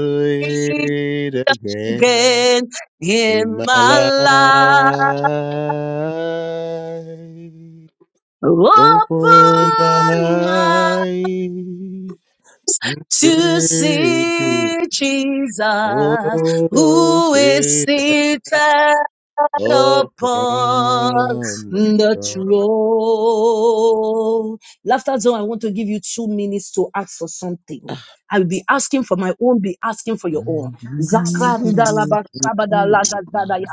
B: it
C: it again
B: again
C: in
B: in
C: my
B: my life.
C: life. Open my
B: Open my
C: eyes and
B: to
C: see it.
B: see Jesus
C: Oh,
B: who is
C: say
B: seated upon
C: open my
B: the throne. Laughter zone, I want to give you two minutes to ask for something. I will be asking for my own, be asking for your own. Zakrandalabasabadalagazadaya.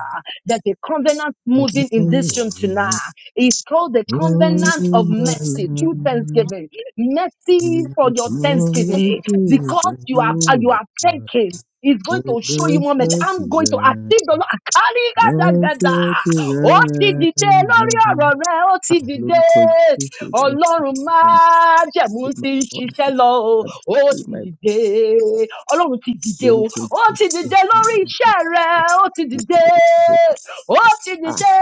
B: There's a covenant moving in this room tonight.
C: eyes.
B: It's called the
C: All
B: covenant of
C: my
B: mercy through
C: life,
B: thanksgiving. Mercy for
C: I've
B: your
C: known
B: thanksgiving.
C: you
B: Because
C: for
B: you are
C: who
B: you
C: you
B: are
C: are.
B: thanking. It's going
C: Oh,
B: to show you
C: that's
B: more mercy.
C: such a
B: I'm going to active
C: rare,
B: the Lord.
C: that's such a
B: Ó ti
C: rare
B: dìde lórí
C: love.
B: ọ̀rọ̀ rẹ̀, ó ti dìde ọlọ́run májẹ̀mú ti ń ṣiṣẹ́ lọ o ó ti dìde ọlọ́run ti dìde o ó ti dìde lórí iṣẹ́ rẹ ó ti dìde ó ti dìde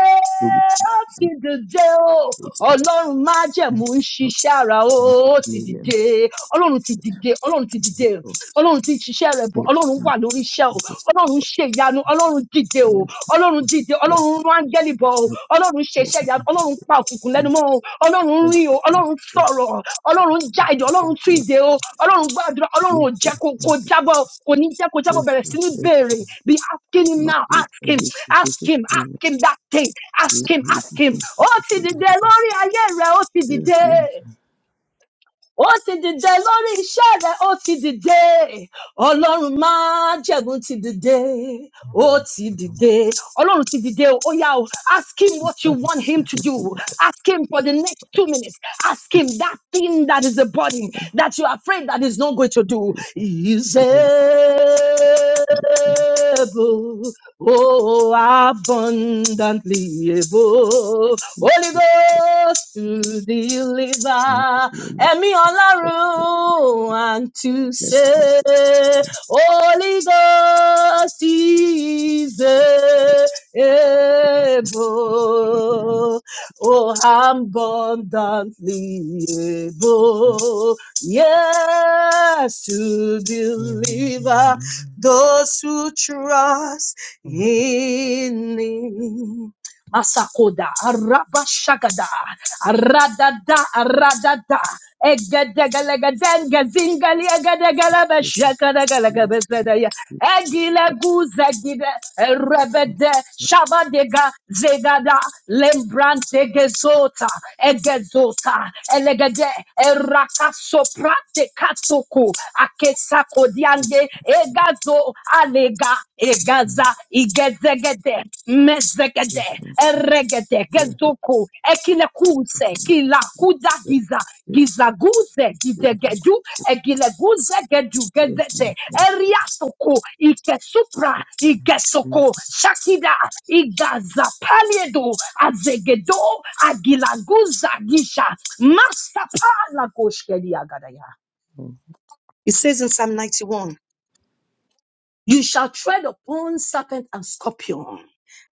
B: ó ti dìde o ọlọ́run májẹ̀mú ń ṣiṣẹ́ ara o ó ti dìde ọlọ́run ti dìde ọlọ́run ti dìde ọlọ́run ti ń ṣiṣẹ́ rẹ bọ̀ ọlọ́run wà lórí iṣẹ́ o ọlọ́run ṣe ìyanu ọlọ́run dìde o ọlọ́run dìde ọlọ́run rán áńgẹ́lì bọ̀ o ọlọ́run ṣe iṣẹ́ ìyanu Ọlọ́run ọlọ́run pa òkùnkùn lẹ́nu mọ́ o ọlọ́run rí o ọlọ́run sọ̀rọ̀ ọlọ́run já ìjọ ọlọ́run tú ìdè o ọlọ́run gbàdúrà ọlọ́run ò jẹ́ kó kó jábọ̀ kò ní jẹ́ kó jábọ̀ bẹ̀rẹ̀ sí ní béèrè be asking him now ask him ask him ask him that thing ask him ask him ó ti dìde lórí ayé rẹ̀ ó ti dìde ó ti dìde lórí iṣẹ́ rẹ̀ ó ti dìde ọlọ́run máa jẹ̀gún ti dìde ó ti dìde ọlọ́run ti dìde o ó yá o ask him what you want him to do ask him for the next two minutes ask him that thing that is a burden that you are afraid that is not going to do He's able oh abundantly able holy ghost to deliver ẹ̀mí ọlọ́run and to say Holy Ghost is able, oh abundantly able, yes to deliver those who trust in Him. Masakoda, Arabashagada, Aradada, Aradada, Egedegalegadenga, Zingaliagadegalabe, Shakadagalagabezedaya, Egileguzegide, Erebede, Shabadega, Zegada, Lembrante Gezota, Egezota, Elegede, Erakasoprate Katoko, Akesakodiande, Egazo, Liga, Igaza, Igezegede, Mezegede, Eregede, Gezoku, Ekilekuse, Kilakuda Giza, Gizaguze, Gizegedu, Egileguze, Gedu, Gezete, Eriatoko, Ikesupra, Igesoko, Shakida, Igaza, Paliedo, Azegedo, Agilaguza, Gisha, Master Palagoshkeliagadaya. It says in Psalm 91. You shall tread upon serpent and scorpion.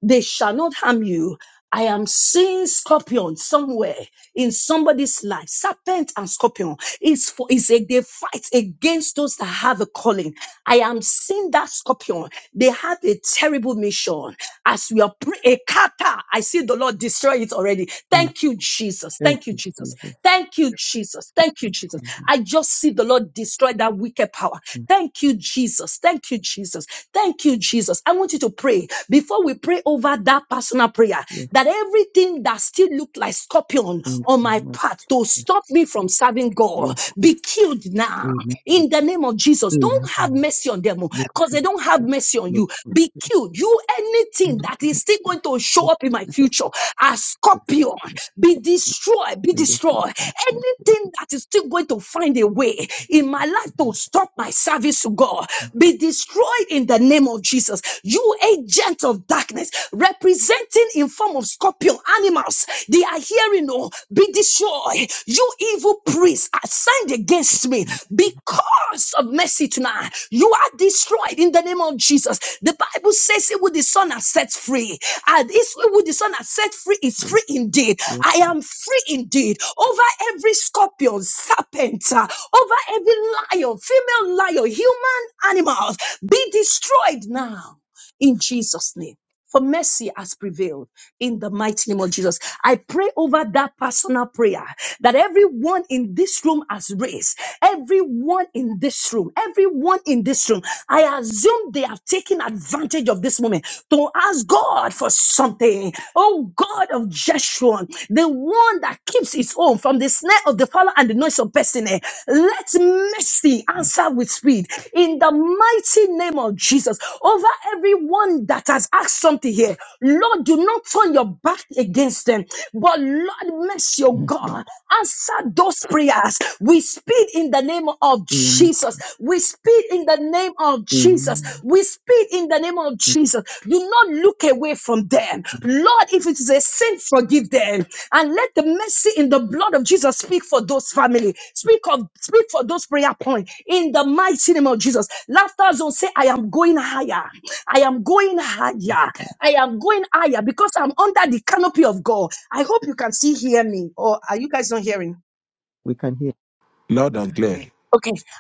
B: They shall not harm you. I am seeing scorpion somewhere in somebody's life. Serpent and scorpion is for is a they fight against those that have a calling. I am seeing that scorpion. They have a terrible mission. As we are praying, a kata, I see the Lord destroy it already. Thank you, Jesus. Thank you, Jesus. Thank you, Jesus. Thank you, Jesus. I just see the Lord destroy that wicked power. Thank you, Jesus. Thank you, Jesus. Thank you, Jesus. I want you want you to pray before we pray over that personal prayer that everything that still looked like scorpion on my path to stop me from serving God be killed now in the name of Jesus. Don't have mercy on them because they don't have mercy on you. Be killed. You anything that is still going to show up in my future as scorpion be destroyed, be destroyed. Anything that is still going to find a way in my life to stop my service to God be destroyed in the name of Jesus. You agent of darkness, representing in form of scorpion animals, they are hearing, oh, be destroyed. You evil priests assigned against me because of mercy tonight. You are destroyed in the name of Jesus. The Bible says, "It will the Son has set free, and it's who the Son has set free is free indeed." I am free indeed over every scorpion, serpent, uh, over every lion, female lion, human animals be destroyed now in Jesus' name. For mercy has prevailed in the mighty name of Jesus. I pray over that personal prayer that everyone in this room has raised, everyone in this room, everyone in this room. I assume they have taken advantage of this moment to ask God for something. Oh God of Jeshurun, the one that keeps his own from the snare of the fowler and the noise of pestilence. Let let mercy answer with speed in the mighty name of Jesus over everyone that has asked something here. Lord, do not turn your back against them, but Lord, mercy, your God, answer those prayers. We speed in the name of Jesus. We speed in the name of Jesus. We speed in the name of Jesus. Do do not look away from them. Lord, if it is a sin, forgive them. And let the mercy in the blood of Jesus speak for those family. Speak of speak for those prayer points in the mighty name of Jesus. Laughter zone say, I am going higher. I am going higher. I am going higher because I'm under the canopy of God. I hope you can still hear me. Or are you guys not hearing?
A: Loud and clear.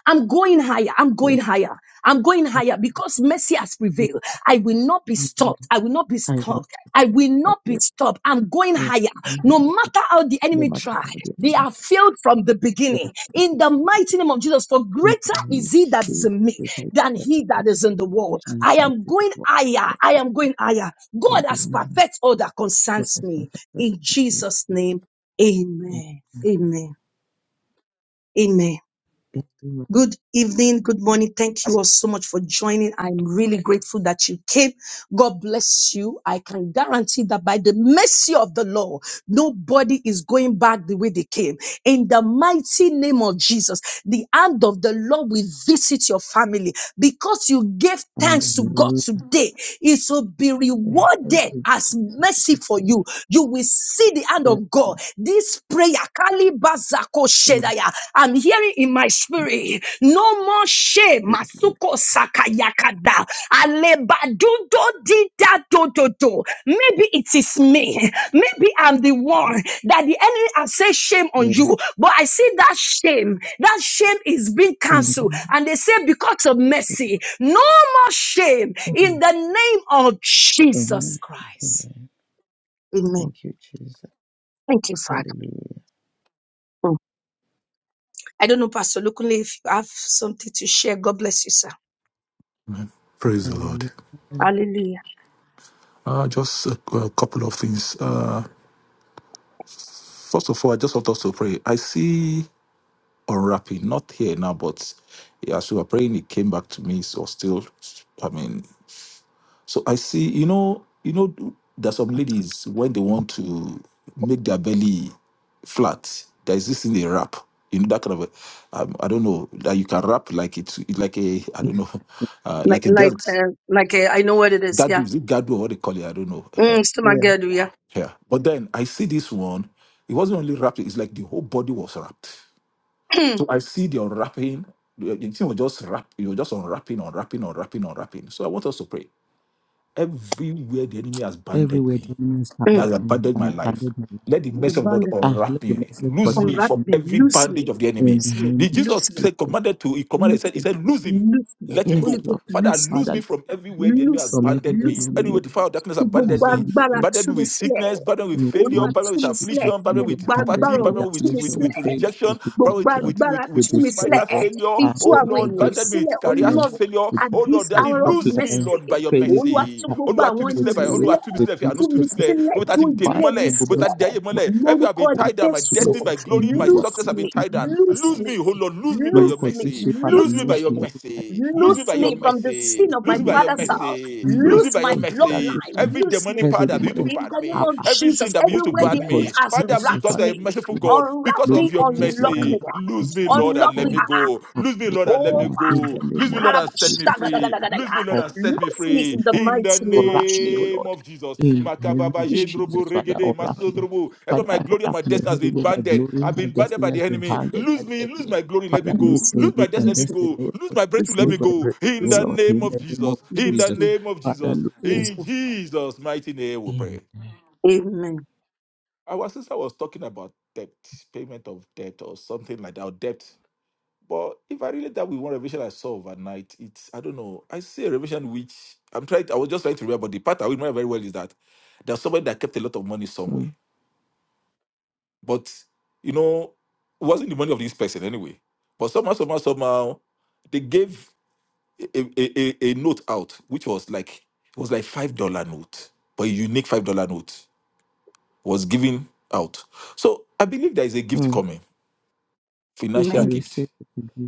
B: I'm going higher. I'm going higher. I'm going higher because mercy has prevailed. I will not be stopped. I will not be stopped. I will not be stopped. I'm going higher. No matter how the enemy try, they are failed from the beginning. In the mighty name of Jesus, for greater is he that is in me than he that is in the world. I am going higher. I am going higher. God has perfect all that concerns me. In Jesus' name, amen. Amen. Amen. Good evening, good morning. Thank you all so much for joining. I'm really grateful that you came. God bless you. I can guarantee that by the mercy of the Lord, nobody is going back the way they came. In the mighty name of Jesus, the hand of the Lord will visit your family because you gave thanks to God today. It will be rewarded as mercy for you. You will see the hand of God. This prayer, Kali Bazako Shedaya, I'm hearing in my spirit, no more shame, Masuko Sakayakada, Alebadudo Dida Dododo. Maybe it is me. Maybe I'm the one that the enemy has said shame on you, but I see that shame. That shame is being cancelled, and they say because of mercy, no shame in the name of Jesus Christ. Amen. Thank you, Father. Mm. I don't know, Pastor Lukunle, if you have something to share. God bless you, sir.
A: Amen. Praise the Lord.
B: Hallelujah.
A: Uh, just a, a couple of things. Uh, first of all, I just want us to pray. I see. unwrapping, not here now, but yeah, as we were praying, it came back to me. So still, I mean, so I see, you know, you know, there's some ladies when they want to make their belly flat, there's this thing they wrap. You know that kind of, a, um, I don't know, that you can wrap like it's it's like a, I don't know, uh,
B: Like,
A: like a
B: like,
A: belt.
B: uh, like, uh, I know what it is.
A: Gadu,
B: Yeah.
A: is it gadu or what they call it? I don't know.
B: Mm, still my girl, yeah.
A: Yeah. But then I see this one. It wasn't only wrapped; it's like the whole body was wrapped. So I see the unwrapping. The the thing was just wrap, you know, just unwrapping, unwrapping, unwrapping, unwrapping. So I want us to pray. Everywhere the enemy has banded me, that
B: Mm.
A: has abandoned my life. Let the
B: The
A: mercy of God
B: bond
A: unwrap me, loose me
B: unwrap
A: from
B: me,
A: every
B: loose me,
A: bandage of the enemy.
B: loose me,
A: The Jesus
B: loose me,
A: said, commanded to, he commanded, he
B: loose
A: said, he
B: me,
A: said, lose him,
B: loose me.
A: let him
B: Holy
A: go.
B: Ghost,
A: Father,
B: loose me,
A: lose me from everywhere the enemy has
B: loose me,
A: banded me.
B: loose me.
A: Anywhere the fire of darkness has banded
B: Gbogbo
A: me,
B: agbára
A: banded
B: tú
A: me
B: mi
A: with sickness,
B: sílẹ̀.
A: banded me with failure,
B: Olúwa
A: banded me
B: tú
A: with
B: mi sílẹ̀.
A: affliction, banded me
B: Gbogbo
A: with poverty,
B: agbára
A: banded
B: ọ̀run
A: me
B: tú
A: with,
B: mi
A: with, with
B: sílẹ̀.
A: rejection,
B: gbogbo
A: banded me with,
B: agbára
A: with, with, with,
B: tú mi
A: with
B: sílẹ̀
A: marital failure.
B: fi tú
A: Oh
B: àwọn
A: Lord,
B: èèyàn yìí
A: banded me
B: sílẹ̀
A: with career
B: ọlọ́run
A: failure.
B: at
A: Oh Lord, Oh
B: this
A: Lord, Daddy,
B: hour of
A: lose me,
B: mercy
A: Lord, by your
B: olúwa tú
A: mercy.
B: gbogbo
A: Olúwa tú
B: àwọn
A: mi
B: ẹni
A: sílẹ̀ by
B: yìí
A: Olúwa
B: sílẹ̀
A: tú mi sílẹ̀ fi àánú
B: tú
A: tú mi
B: mi
A: sílẹ̀.
B: sílẹ̀
A: Bó ta
B: tú
A: ti dè mí
B: ìdílé mi
A: mọ́lẹ̀, bó ta
B: sílẹ̀
A: dé ayé mọ́lẹ̀. Every have
B: lórúkọ
A: been tied down, my
B: jésù
A: destiny, my glory, my
B: loose
A: success have been
B: me
A: tied down.
B: loose
A: Lose
B: me
A: me, oh Lord, lose me by your
B: loose me
A: mercy. Lose
B: loose
A: me by
B: me.
A: your mercy. Lose me
B: Loose
A: by
B: me
A: your
B: from the
A: mercy.
B: sin of
A: Lose
B: my
A: me by your
B: father's house.
A: mercy. Lose me
B: Loose
A: by
B: my
A: your mercy.
B: bloodline.
A: Every
B: Loose me.
A: demonic power that be used to
B: In
A: bad
B: the name
A: me,
B: of
A: every
B: Jesus,
A: sin that be used to
B: everywhere the
A: bad
B: enemy
A: me.
B: has
A: Father,
B: wrapped
A: because you are a
B: me,
A: merciful God,
B: Unwrap
A: because
B: me,
A: of your mercy
B: unlock me,
A: thee. Lose me, Lord, and
B: unlock
A: let
B: me.
A: me
B: ah. ah.
A: go. Lose me, Lord, and let
B: Oh,
A: me go. Lose me, Lord, and set me free. Lose
B: akalabashtagadagadagadaya.
A: me, Lord, and set me
B: loose me
A: free.
B: in the
A: In the
B: mighty name of Jesus.
A: name of Jesus. Makababa
B: Mm.
A: jendrobo regede masodrobo. Ever my glory and my destiny has been banded. I've been banded by the enemy. Lose me, lose my glory, let me go.
B: Loose me,
A: Lose my destiny, let me
B: loose me,
A: go. Lose my breakthrough,
B: loose
A: let
B: me,
A: me go. In
B: loose
A: the
B: me,
A: name of Jesus. In
B: loose
A: the
B: me,
A: name of Jesus.
B: loose
A: In
B: me.
A: Jesus' mighty name we pray.
B: Amen.
A: Our sister was talking about debt, payment of debt or something like that, or debt. But if I relate that with one revelation I saw overnight, it's I don't know. I see a revelation which I'm trying. To, I was just trying to remember. The part I remember very well is that there's somebody that kept a lot of money somewhere, but you know, it wasn't the money of this person anyway. But somehow, somehow, somehow, they gave a, a, a, a note out, which was like it was like five dollar note, but a unique five dollar note was given out. So I believe there is a gift coming, financial
B: Amen.
A: gift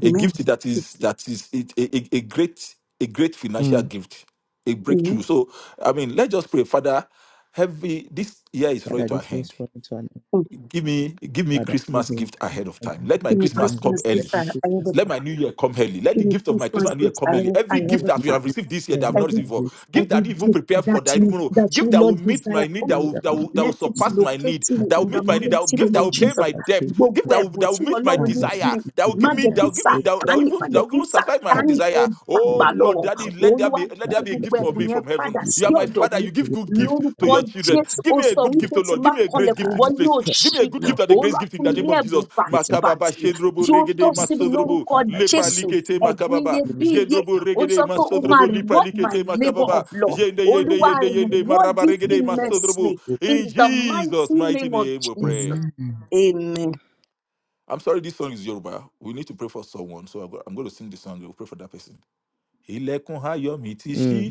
A: a
B: Amen.
A: gift that is that is it, a, a, a great a great financial gift a
B: Amen.
A: breakthrough so i mean let's just pray father heavy this year is running to our hand give me give me christmas gift ahead of time let my
B: Give me
A: christmas come
B: Christmas gifts
A: early
B: ahead of
A: let my
B: time.
A: new year come early let
B: Give
A: the
B: me
A: gift of my
B: Christmas
A: christmas and new year
B: gifts
A: come
B: ahead
A: early every gift
B: of
A: that we
B: time.
A: have received this year that i've not
B: every
A: received before
B: gift,
A: gift that I
B: every
A: didn't even
B: gift
A: prepare
B: that
A: for that i didn't
B: you
A: even know
B: that you
A: gift that will
B: Lord
A: meet
B: desire
A: my need
B: for
A: that
B: me.
A: will that will, that will
B: Let it
A: surpass my
B: locate
A: need
B: me
A: that will
B: in the
A: meet my need that will
B: mighty
A: give
B: name
A: that
B: of
A: will pay
B: Jesus.
A: my debt gift
B: Gbogbo
A: that will,
B: ẹ̀bùn
A: that
B: tí
A: will meet my
B: Ọlọ́run ní fún
A: desire
B: mi,
A: that will
B: má
A: give me
B: jẹ́
A: that
B: kí
A: will give me me that, that will
B: Sàtánì,
A: even
B: má
A: that
B: jẹ́
A: will
B: kí
A: even satisfy my heart
B: Sàtánì ó
A: desire.
B: dàgbà
A: Oh Lord,
B: lọ́wọ́.
A: Daddy, let there
B: Olúwa
A: be let
B: dá
A: there be a
B: gbogbo
A: gift for
B: ẹ̀bùn
A: me
B: yẹn
A: from heaven.
B: padà
A: You are
B: sí
A: my
B: ọ̀dọ̀
A: father.
B: mi.
A: You give good gift to
B: Lórúkọ
A: your children.
B: Jésù,
A: Give
B: ó
A: me a
B: sọ
A: good gift,
B: wípé
A: oh
B: tí
A: Lord.
B: n bá
A: Give me a great
B: kanlẹ̀kùn
A: gift in
B: ìwọ
A: this place.
B: yóò
A: Give me a
B: ṣí.
A: good gift and a great
B: Olúwa
A: gift in
B: fún
A: the
B: mi ní
A: name of
B: ẹ̀bùn
A: Jesus. Makababa
B: bàǹtìbàǹtì
A: Shendrobo
B: tí ó
A: Regede
B: tọ́ sí mi
A: Masodrobo
B: lórúkọ
A: Lepra
B: Jésù.
A: Likete
B: Ẹ̀bùn
A: Makababa
B: iyebíye
A: Jendrobo
B: ó
A: Regede
B: sọ pé ó máa
A: Masodrobo Lepra
B: reward my
A: Likete
B: labour
A: Makababa
B: of love
A: Yende Yende
B: olúwa
A: Yende Yende
B: reward
A: Maraba
B: it
A: Regede
B: immensely
A: Masodrobo.
B: in
A: In
B: the
A: Jesus'
B: mighty
A: mighty
B: name of
A: name we
B: jesus
A: pray.
B: amen.
A: I'm sorry, this song is Yoruba. We need to pray for someone, so I'm go- I'm going to sing the song. We'll pray for that person. Ilẹ̀kùn ayọ̀ mi ti ṣí,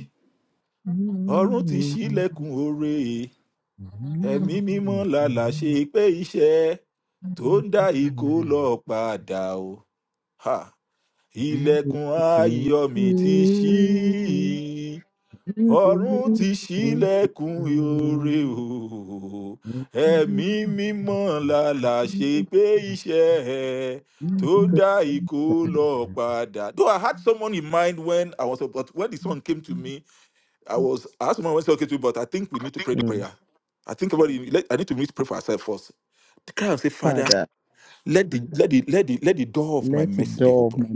A: ọ̀run ti ṣí ilẹ̀kùn oore. Ẹ̀mí mímọ́ lálá ṣe pé iṣẹ́ tó ń dá ikó lọ padà o. Ha! Ilẹ̀kùn ayọ̀ mi ti ṣí, ọ̀run ti ṣílẹ̀kùn ìore o ẹ̀mí mímọ́ lálà ṣe pé iṣẹ́ ẹ tó dá ikó lọ padà. Though I had someone in mind when I was but when the song came to me, I was I asked someone when said okay to me, but I think we need to pray the prayer. I think everybody let- I need to meet pray for ourselves first. Cry and say, Father, let the, let, the, let, the, let the door of my mercy be open.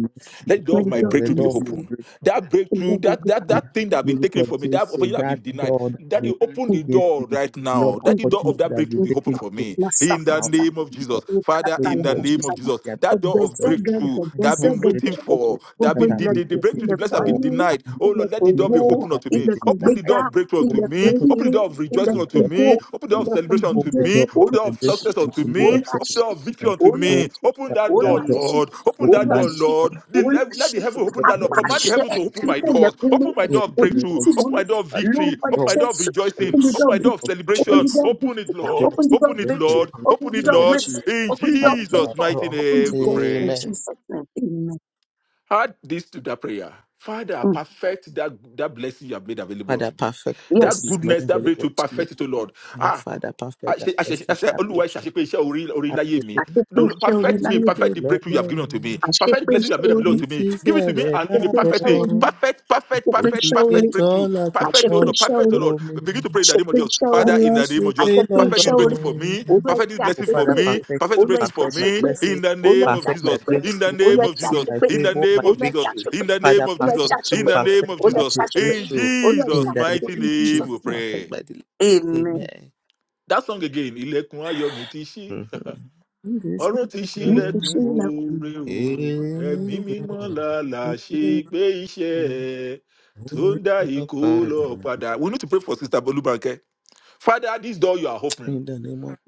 A: Let the door
B: Lord,
A: of
B: you
A: my
B: just my
A: breakthrough be
B: missing.
A: open. That breakthrough,
B: Lord, my
A: that that
B: goodness.
A: that thing that have been taken from me, that opportunity I've been denied. That you open
B: Lord,
A: the door right now. That
B: my
A: the door
B: goodness.
A: of that breakthrough
B: Lord,
A: be open for me.
B: my
A: In the
B: goodness.
A: name of Jesus. Father, in the name of
B: Ikatalabashata.
A: Jesus. That door of breakthrough that I've been waiting
B: Egezegedegezegedere.
A: for, that have
B: Gbogbo
A: been the, the, the
B: ilẹ̀kùn,
A: breakthrough, the blessing
B: ilẹ̀kùn
A: I've been
B: àánú,
A: denied. Oh Lord, let
B: ilẹ̀kùn
A: the door
B: ògo,
A: be open unto me.
B: ilẹ̀kùn
A: Open the door
B: gbéga,
A: of breakthrough unto
B: ilẹ̀kùn
A: me. Open the
B: oríire,
A: door of rejoicing
B: ilẹ̀kùn
A: unto
B: ògo,
A: me. Open the door of
B: ilẹ̀kùn
A: celebration unto
B: ìdìde,
A: me. Open the door
B: Olúwa
A: of
B: ṣí,
A: success unto me.
B: Olúwa
A: Open the
B: ṣí,
A: door of victory unto
B: Olúwa
A: me.
B: ṣí,
A: Open that door,
B: Olúwa ṣí,
A: Lord. Open that
B: Olúwa
A: door,
B: ṣí,
A: Lord. The,
B: Olúwa
A: let
B: ṣí.
A: the heaven open that door.
B: Apá
A: Command the
B: àṣẹ
A: heaven to open my
B: nípa
A: doors.
B: ilẹ̀kùn orí
A: Open my door of
B: kò ní
A: breakthrough.
B: tì
A: Open my
B: mọ́lẹ̀
A: door of victory.
B: lórúkọ
A: Open my door of
B: Jésù.
A: rejoicing. Open my door of
B: Open the
A: celebration.
B: door of victory,
A: Open it, Lord.
B: open the door of victory, open the door
A: Open
B: of
A: it,
B: victory,
A: Lord.
B: open
A: Open
B: the
A: it,
B: door of
A: Lord.
B: mercy.
A: In
B: Open the door of
A: Jesus'
B: favor.
A: mighty
B: Open
A: name
B: the
A: we
B: door in
A: pray.
B: Jesus' name. Amen.
A: Add this to that prayer. Father,
B: Mm.
A: perfect that, that blessing you have made available unto me. That
B: Yes.
A: goodness, that breakthrough, perfect it, O Lord. Ah, àṣẹ àṣẹ àṣẹ olúwa ìṣàṣepé iṣẹ orí orí láyé mi
B: I
A: do
B: iṣẹ́ orí
A: perfect me,
B: láyé
A: perfect the breakthrough you have given unto me,
B: I
A: perfect the
B: Àṣepé
A: blessing you have
B: iṣẹ́
A: made
B: orí.
A: available to me. Give it to me and
B: I
A: in the perfect
B: iṣẹ́
A: way,
B: orí.
A: perfect, perfect,
B: Àṣepé
A: perfect,
B: I orí.
A: perfect breakthrough, perfect, oh
B: Àṣepé
A: Lord,
B: iṣẹ́
A: perfect, oh
B: I
A: Lord. Begin to pray in the name of
B: Àṣepé
A: Jesus,
B: iṣẹ́ orí.
A: Father, in the name of
B: I
A: Jesus, perfect this
B: iṣẹ́ orí.
A: breakthrough for me,
B: Olúwa ẹ
A: perfect this
B: ṣe
A: blessing for
B: àṣepé o.
A: me, perfect this
B: Olúwa ẹ
A: breakthrough
B: ṣe
A: for me,
B: àṣepé.
A: in the
B: Olúwa ẹ
A: name of
B: ṣe
A: Jesus,
B: àṣepé.
A: in the
B: Olúwa
A: name
B: ẹ
A: of
B: ṣe
A: Jesus,
B: àṣepé.
A: in the name of
B: Olúwa ẹ
A: Jesus,
B: ṣe
A: in
B: àṣepé.
A: the name of
B: Olúwa ẹ
A: Jesus,
B: ṣe
A: in
B: àṣepé.
A: the name of
B: Olúwa ẹ
A: Jesus,
B: ṣe àṣepé.
A: in
B: Olúwa ẹ ṣe
A: Jesus'
B: àṣepé
A: mighty
B: in Jesus'
A: name we
B: name.
A: pray.
B: Amen.
A: That song again, Ilekun Ayomi Ti Ṣí ọrùn ti
B: Mo kò
A: ṣílẹkùn
B: sí ìlà kùnà.
A: oore o ẹmí mímọ làlà ṣe pé iṣẹ ẹ tó ń dá ikó lọ padà we need to pray for sister bolubanke father this door you are opening.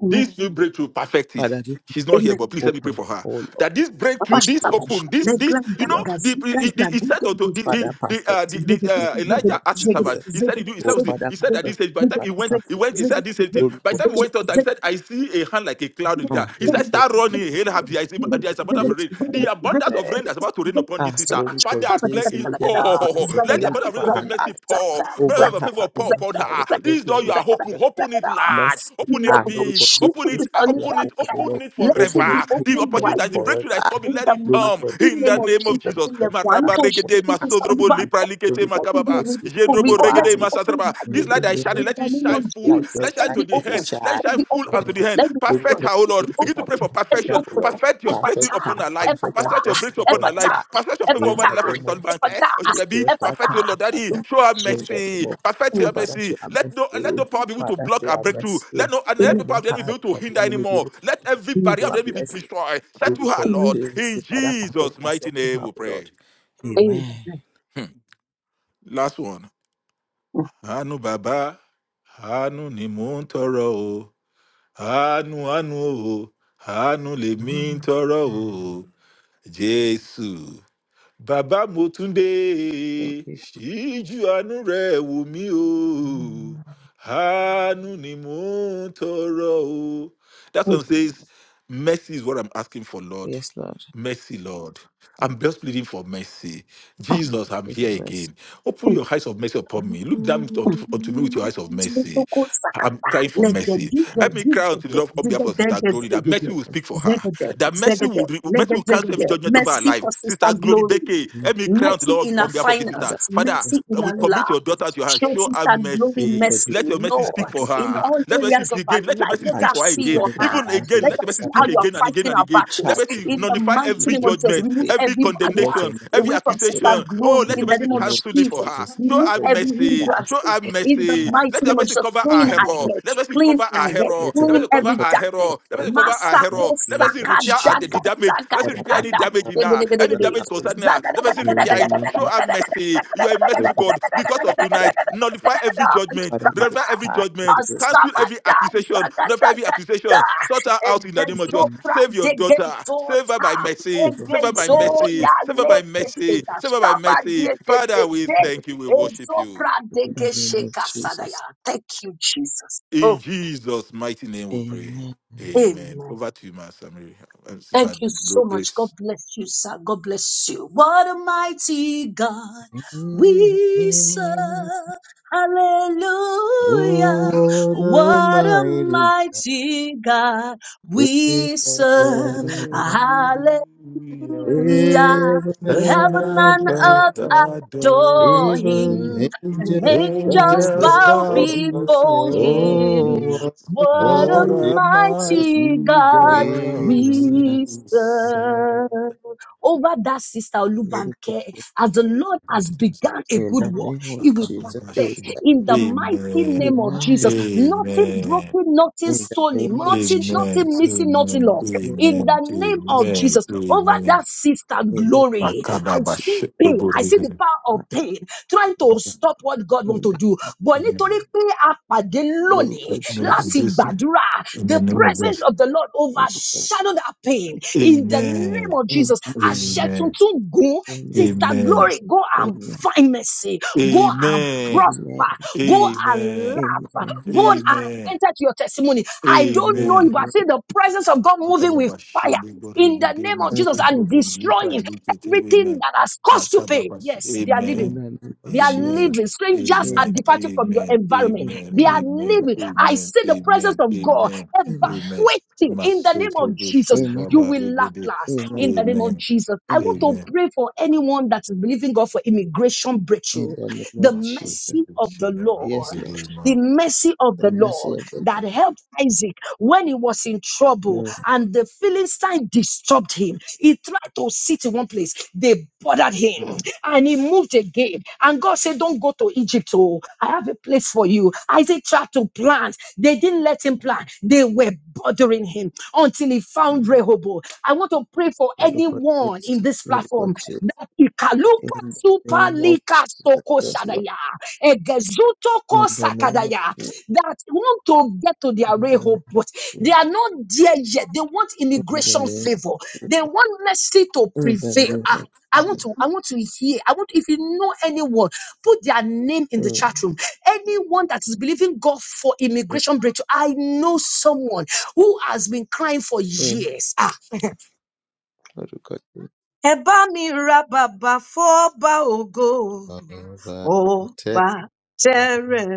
B: Amen.
A: This new breakthrough, perfect it. She's not
B: Amen.
A: here, but please let me pray for her. That this breakthrough, this
B: Abashababa,
A: open, this, this,
B: Legranda,
A: you know, the
B: Gaziga,
A: the the- he said
B: Zaguga,
A: unto the the
B: Zigidi,
A: the, uh, the,
B: Zigidi,
A: the uh,
B: Zigidi,
A: Elijah asked his
B: Zigidi,
A: servant. He said
B: Zigidi,
A: he do. He said,
B: Zigidi,
A: he said at
B: Zigidi,
A: this age. By the time
B: Zigidi,
A: he went, he went.
B: Zigidi,
A: He
B: Zigidi,
A: said this same thing. By the time he
B: Zigidi,
A: went out, he
B: Zigidi,
A: said, I see a hand like a cloud in
B: Zigidi,
A: the ground. He said,
B: Zigidi,
A: start
B: Zigidi,
A: running. Hail, have there is there is
B: Zigidi,
A: abundance
B: Zigidi,
A: of rain.
B: Zigidi,
A: The
B: Zigidi,
A: abundance of rain that's about to rain upon this sister. Father, clay is pour. Let the abundance of your mercy pour. Abundance of your favor pour upon her. This door you are open, open it large,
B: let
A: open it
B: it
A: big, open it, uh, open it, open it
B: be
A: forever. The
B: open
A: opportunity, that- the
B: widely.
A: breakthrough that is coming,
B: In
A: let
B: the
A: it come
B: mighty
A: in the
B: name of
A: name of
B: Jesus,
A: Jesus.
B: in the
A: Maraba
B: Quanto
A: regede masodrobo lipra likete
B: let it be
A: makababa.
B: re- re-
A: Jendrobo
B: let
A: regede
B: it be open
A: masatraba. This light
B: widely.
A: that is shining,
B: In
A: let
B: the
A: it
B: name
A: shine
B: of
A: full.
B: Jesus,
A: Let it
B: let
A: shine
B: it
A: to
B: be
A: the
B: open.
A: end. Let
B: Let it
A: shall
B: be
A: full
B: open.
A: unto the end.
B: Let it be open.
A: Perfect her, O
B: Let it
A: Lord.
B: be
A: Begin to
B: open.
A: pray for
B: Let it be
A: perfection.
B: open.
A: Perfect your blessing
B: Epata,
A: upon her life.
B: epata,
A: Perfect your breakthrough upon her
B: epata,
A: life. Perfect your favor over
B: epata,
A: the life of Sister Bank. Eh?
B: epata,
A: Oshogabi,
B: epata.
A: perfect your Lord. Daddy, show her
B: Worship.
A: mercy. Perfect your mercy. Let no let no power be able to block her breakthrough. Let no and let no
B: Amen.
A: power of the enemy be able to hinder anymore. Let every barrier of the enemy be destroyed. Settle her, Lord.
B: Amen.
A: In Jesus' mighty name we pray. Last one. Anu Baba. Anu ni mo ń tọrọ o. àánú àánú o àánú lèmi ń tọrọ o jésù bàbá mo tún dé ṣíjú àánú rẹ wò mí o àánú ni mo ń tọrọ o that
B: Amen.
A: one says mercy is what i'm asking for lord Mercy, Lord. I'm just pleading for mercy. Jesus, I'm here again. Open your eyes of mercy upon me. Look down unto, unto me with your eyes of mercy.
B: Sutuku
A: I'm
B: sakata,
A: crying for mercy.
B: legedi,
A: Let me
B: gedi,
A: cry unto the
B: gede,
A: Lord on behalf of
B: zidede,
A: Sister Glory that
B: gezegede,
A: mercy will speak for her.
B: zegede,
A: That mercy
B: zegede,
A: will re- mercy will cancel every
B: legezegede.
A: judgment of her
B: Mercy
A: life.
B: for
A: Sister
B: sister
A: Glory
B: glory.
A: Becky, let me cry unto the
B: Mercy
A: Lord
B: in
A: on
B: our
A: behalf of this sister.
B: finances.
A: Father,
B: Mercy in
A: we
B: our life.
A: commit your daughter to your hand.
B: Show us
A: Show her
B: and glory
A: mercy.
B: mercy,
A: Let your mercy speak
B: Lord,
A: for
B: in
A: her.
B: all
A: Let mercy
B: areas of our
A: again. Let your
B: life.
A: mercy speak
B: Let us
A: for her
B: see
A: again.
B: your
A: Even
B: hand.
A: again,
B: Let
A: let your
B: us
A: mercy
B: see how
A: speak
B: you are
A: again and again
B: fighting
A: and
B: our
A: again. Let
B: battles.
A: mercy
B: In the
A: nullify
B: mighty
A: every
B: name of Jesus,
A: judgment,
B: remove
A: every
B: every barrier
A: condemnation, every
B: away from sister
A: accusation. Oh,
B: glory.
A: let your
B: In the
A: mercy
B: name of
A: cancel it for
B: Jesus,
A: her. Show
B: remove
A: her
B: every
A: mercy.
B: hindrance.
A: Show her
B: In the
A: mercy.
B: mighty
A: Let your
B: name of
A: mercy
B: Jesus,
A: cover our
B: clean our
A: hero.
B: head,
A: Let mercy
B: clean
A: cover
B: our
A: our
B: head,
A: hero. Let
B: clean
A: mercy cover
B: every
A: our
B: darkness.
A: hero. Let mercy cover our hero.
B: Masako
A: Let mercy
B: saka
A: repair our the, the
B: daga
A: damage.
B: saka
A: Let me repair any damage in her, any
B: daga.
A: damage
B: Thank
A: concerning her. Let me see repair it. Show her mercy. You are a merciful God. Because of tonight, nullify every judgment, nullify every judgment, cancel every accusation, nullify every accusation. Sort her out in the name of Jesus. Save your daughter. Save her by mercy. Save her by mercy. Save her by mercy. Save her by mercy. Father, we thank you. We worship you.
B: you, Jesus. Oh,
A: In Jesus' mighty name, we pray. Amen.
B: amen.
A: Over to you, Master Mary, and Sister
B: Thank you so much.
A: Grace.
B: God bless you, sir. God bless you. What a mighty God we serve.
C: Oh,
B: Hallelujah.
C: what a
B: What a
C: mighty
B: mighty God
C: grace.
B: we serve.
A: Hallelujah.
B: Hallelujah.
C: Even
A: Heaven
B: Heaven
C: an
A: and
B: and
A: earth
C: above,
B: adore
A: adore him.
C: even
B: him. And
C: angels bow
B: angels
A: Angels
B: bow
A: bow
C: before.
B: before
A: before
B: him.
C: Oh,
A: him.
C: what a
B: What a
A: What
C: mighty
A: a
B: mighty
A: mighty
B: God
A: God
B: we
A: we serve.
B: serve. Over that sister Olubanke, as the Lord
A: That
B: has
A: is the same.
B: begun a good work, He will
A: Akababashi.
B: in the mighty
A: Amen.
B: name of Jesus. Nothing
A: Amen.
B: broken, nothing stolen, nothing,
A: Amen.
B: nothing missing, nothing
A: Amen.
B: lost. In the
A: Amen.
B: name of
A: Amen.
B: Jesus, over
A: Amen.
B: that sister glory, I see pain. I see the
A: Makababashi.
B: power of pain trying to stop what God wants to do. But nítorí pé a pàdé lónìí
A: Miracle
B: láti
A: just
B: gbàdúrà,
A: in
B: the
A: the name of
B: presence
A: Jesus.
B: of the Lord overshadowed our pain in the name
A: Amen.
B: of Jesus. Àṣẹ
A: Amen.
B: tuntun gùn, sister
A: Amen.
B: glory, go and find mercy, go and
A: Amen.
B: prosper, go and
A: Amen.
B: laugh, go and
A: Amen.
B: enter to your testimony. I don't know
A: Amen.
B: you, but I see the presence of God moving with
A: Makababa
B: fire
A: Shembo
B: in the
A: Regede
B: name of Jesus
A: Masodro
B: and
A: Bonli
B: destroying
A: Prime Lipete.
B: everything
A: Amen.
B: that has caused you pain.
A: Makababa Sh-
B: Yes, they are living.
A: Amen.
B: They are
A: Amen.
B: living. Strangers are
A: Amen.
B: departing from your
A: Amen.
B: environment.
A: Amen.
B: They are
A: Amen.
B: living. I
A: Amen.
B: see the presence
A: Amen.
B: of God
A: Amen. Amen.
B: evacuating in the name of
A: Masodro
B: Jesus. You
A: Shedaba
B: will laugh
A: Regede.
B: last in the name of
A: Amen.
B: Jesus. I want to
A: Amen.
B: pray for anyone that is believing God for immigration breakthrough. The mercy
A: Masodro
B: of the
A: Shedaba
B: Lord the
A: Regede.
B: mercy of the Lord that helped Isaac when he was in trouble and the Philistine disturbed him. He tried to sit in one place, they bothered him and he moved again. And God said, Don't go to Egypt. Oh, I have a place for you. Isaac tried to plant, they didn't let him plant. They were were bothering him until he found Rehoboam. I want to pray for anyone in this platform that Ikaluka Super Lika Soko Shadaya, Egezutoko Sakadaya, that want to get to their Rehoboth. They are not there yet. They want immigration favor. They want mercy to prevail. Ah, I want to, I want to hear. I want if you know anyone, put their name in the chat room. Anyone that is believing God for immigration breakthrough, I know someone who has been crying for years. Ah, ẹ bá mi ra ògo,
C: Nobody
B: ọba tẹ́rẹ̀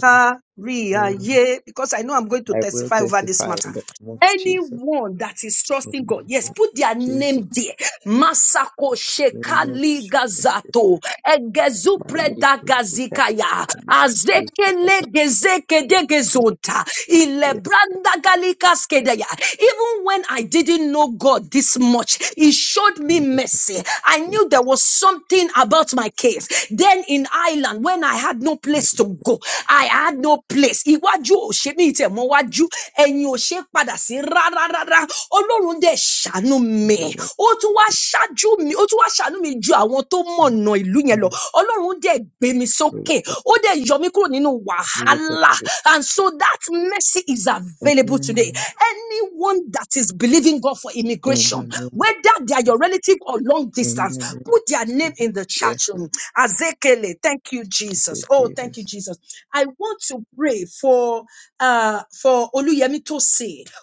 B: kárí ayé. Because I know I'm going to testify over this matter. Anyone that is trusting God, yes, put their name there. Masako Shekali Gazato, Egezupreda Gazikaya, Azekele Gezeke Degezonta, Ilebranda Galikas Kedaya. Even when I didn't know God this much, He showed me mercy. I knew there was something about my case. Then in Ireland, when I had no place to go. I had no place. Iwájú ò ṣe mí tẹ̀ mọ́ wájú. Ẹ̀yìn ò ṣe padà sí rárá rárá. Ọlọ́run dẹ̀ ṣàánú mi. Ó tún wá ṣáájú mi. Ó tún wá ṣàánú mi ju àwọn tó mọ̀nà ìlú yẹn lọ. Ọlọ́run dẹ̀ gbé mi sókè. Ó dẹ̀ yọ mí kúrò nínú wàhálà. And so that mercy is available today. Anyone that is believing God for immigration, whether they are your relatives relative or long distance, put their name in the chat room. Azekele, thank you, Jesus. Oh, thank you, Jesus. I want to pray for uh for Oluyemi Tosin.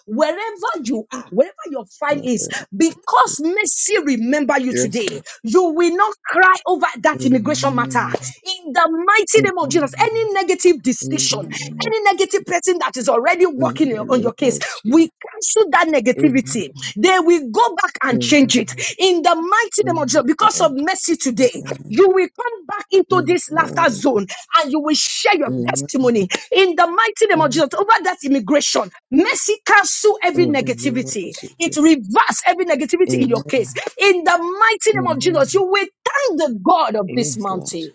B: wherever you are, wherever your file is, because mercy remember you today, you will not cry over that immigration matter. In the mighty name of Jesus, any negative decision, any negative person that is already working in- on your case. We cancel that negativity. They will go back and change it in the mighty name of Jesus. Because of mercy today, you will come back into this laughter zone and you will share your testimony in the mighty name of Jesus over that immigration. Mercy cancel every negativity. It reverse every negativity in your case. In the mighty name of Jesus, you will thank the God of this mountain.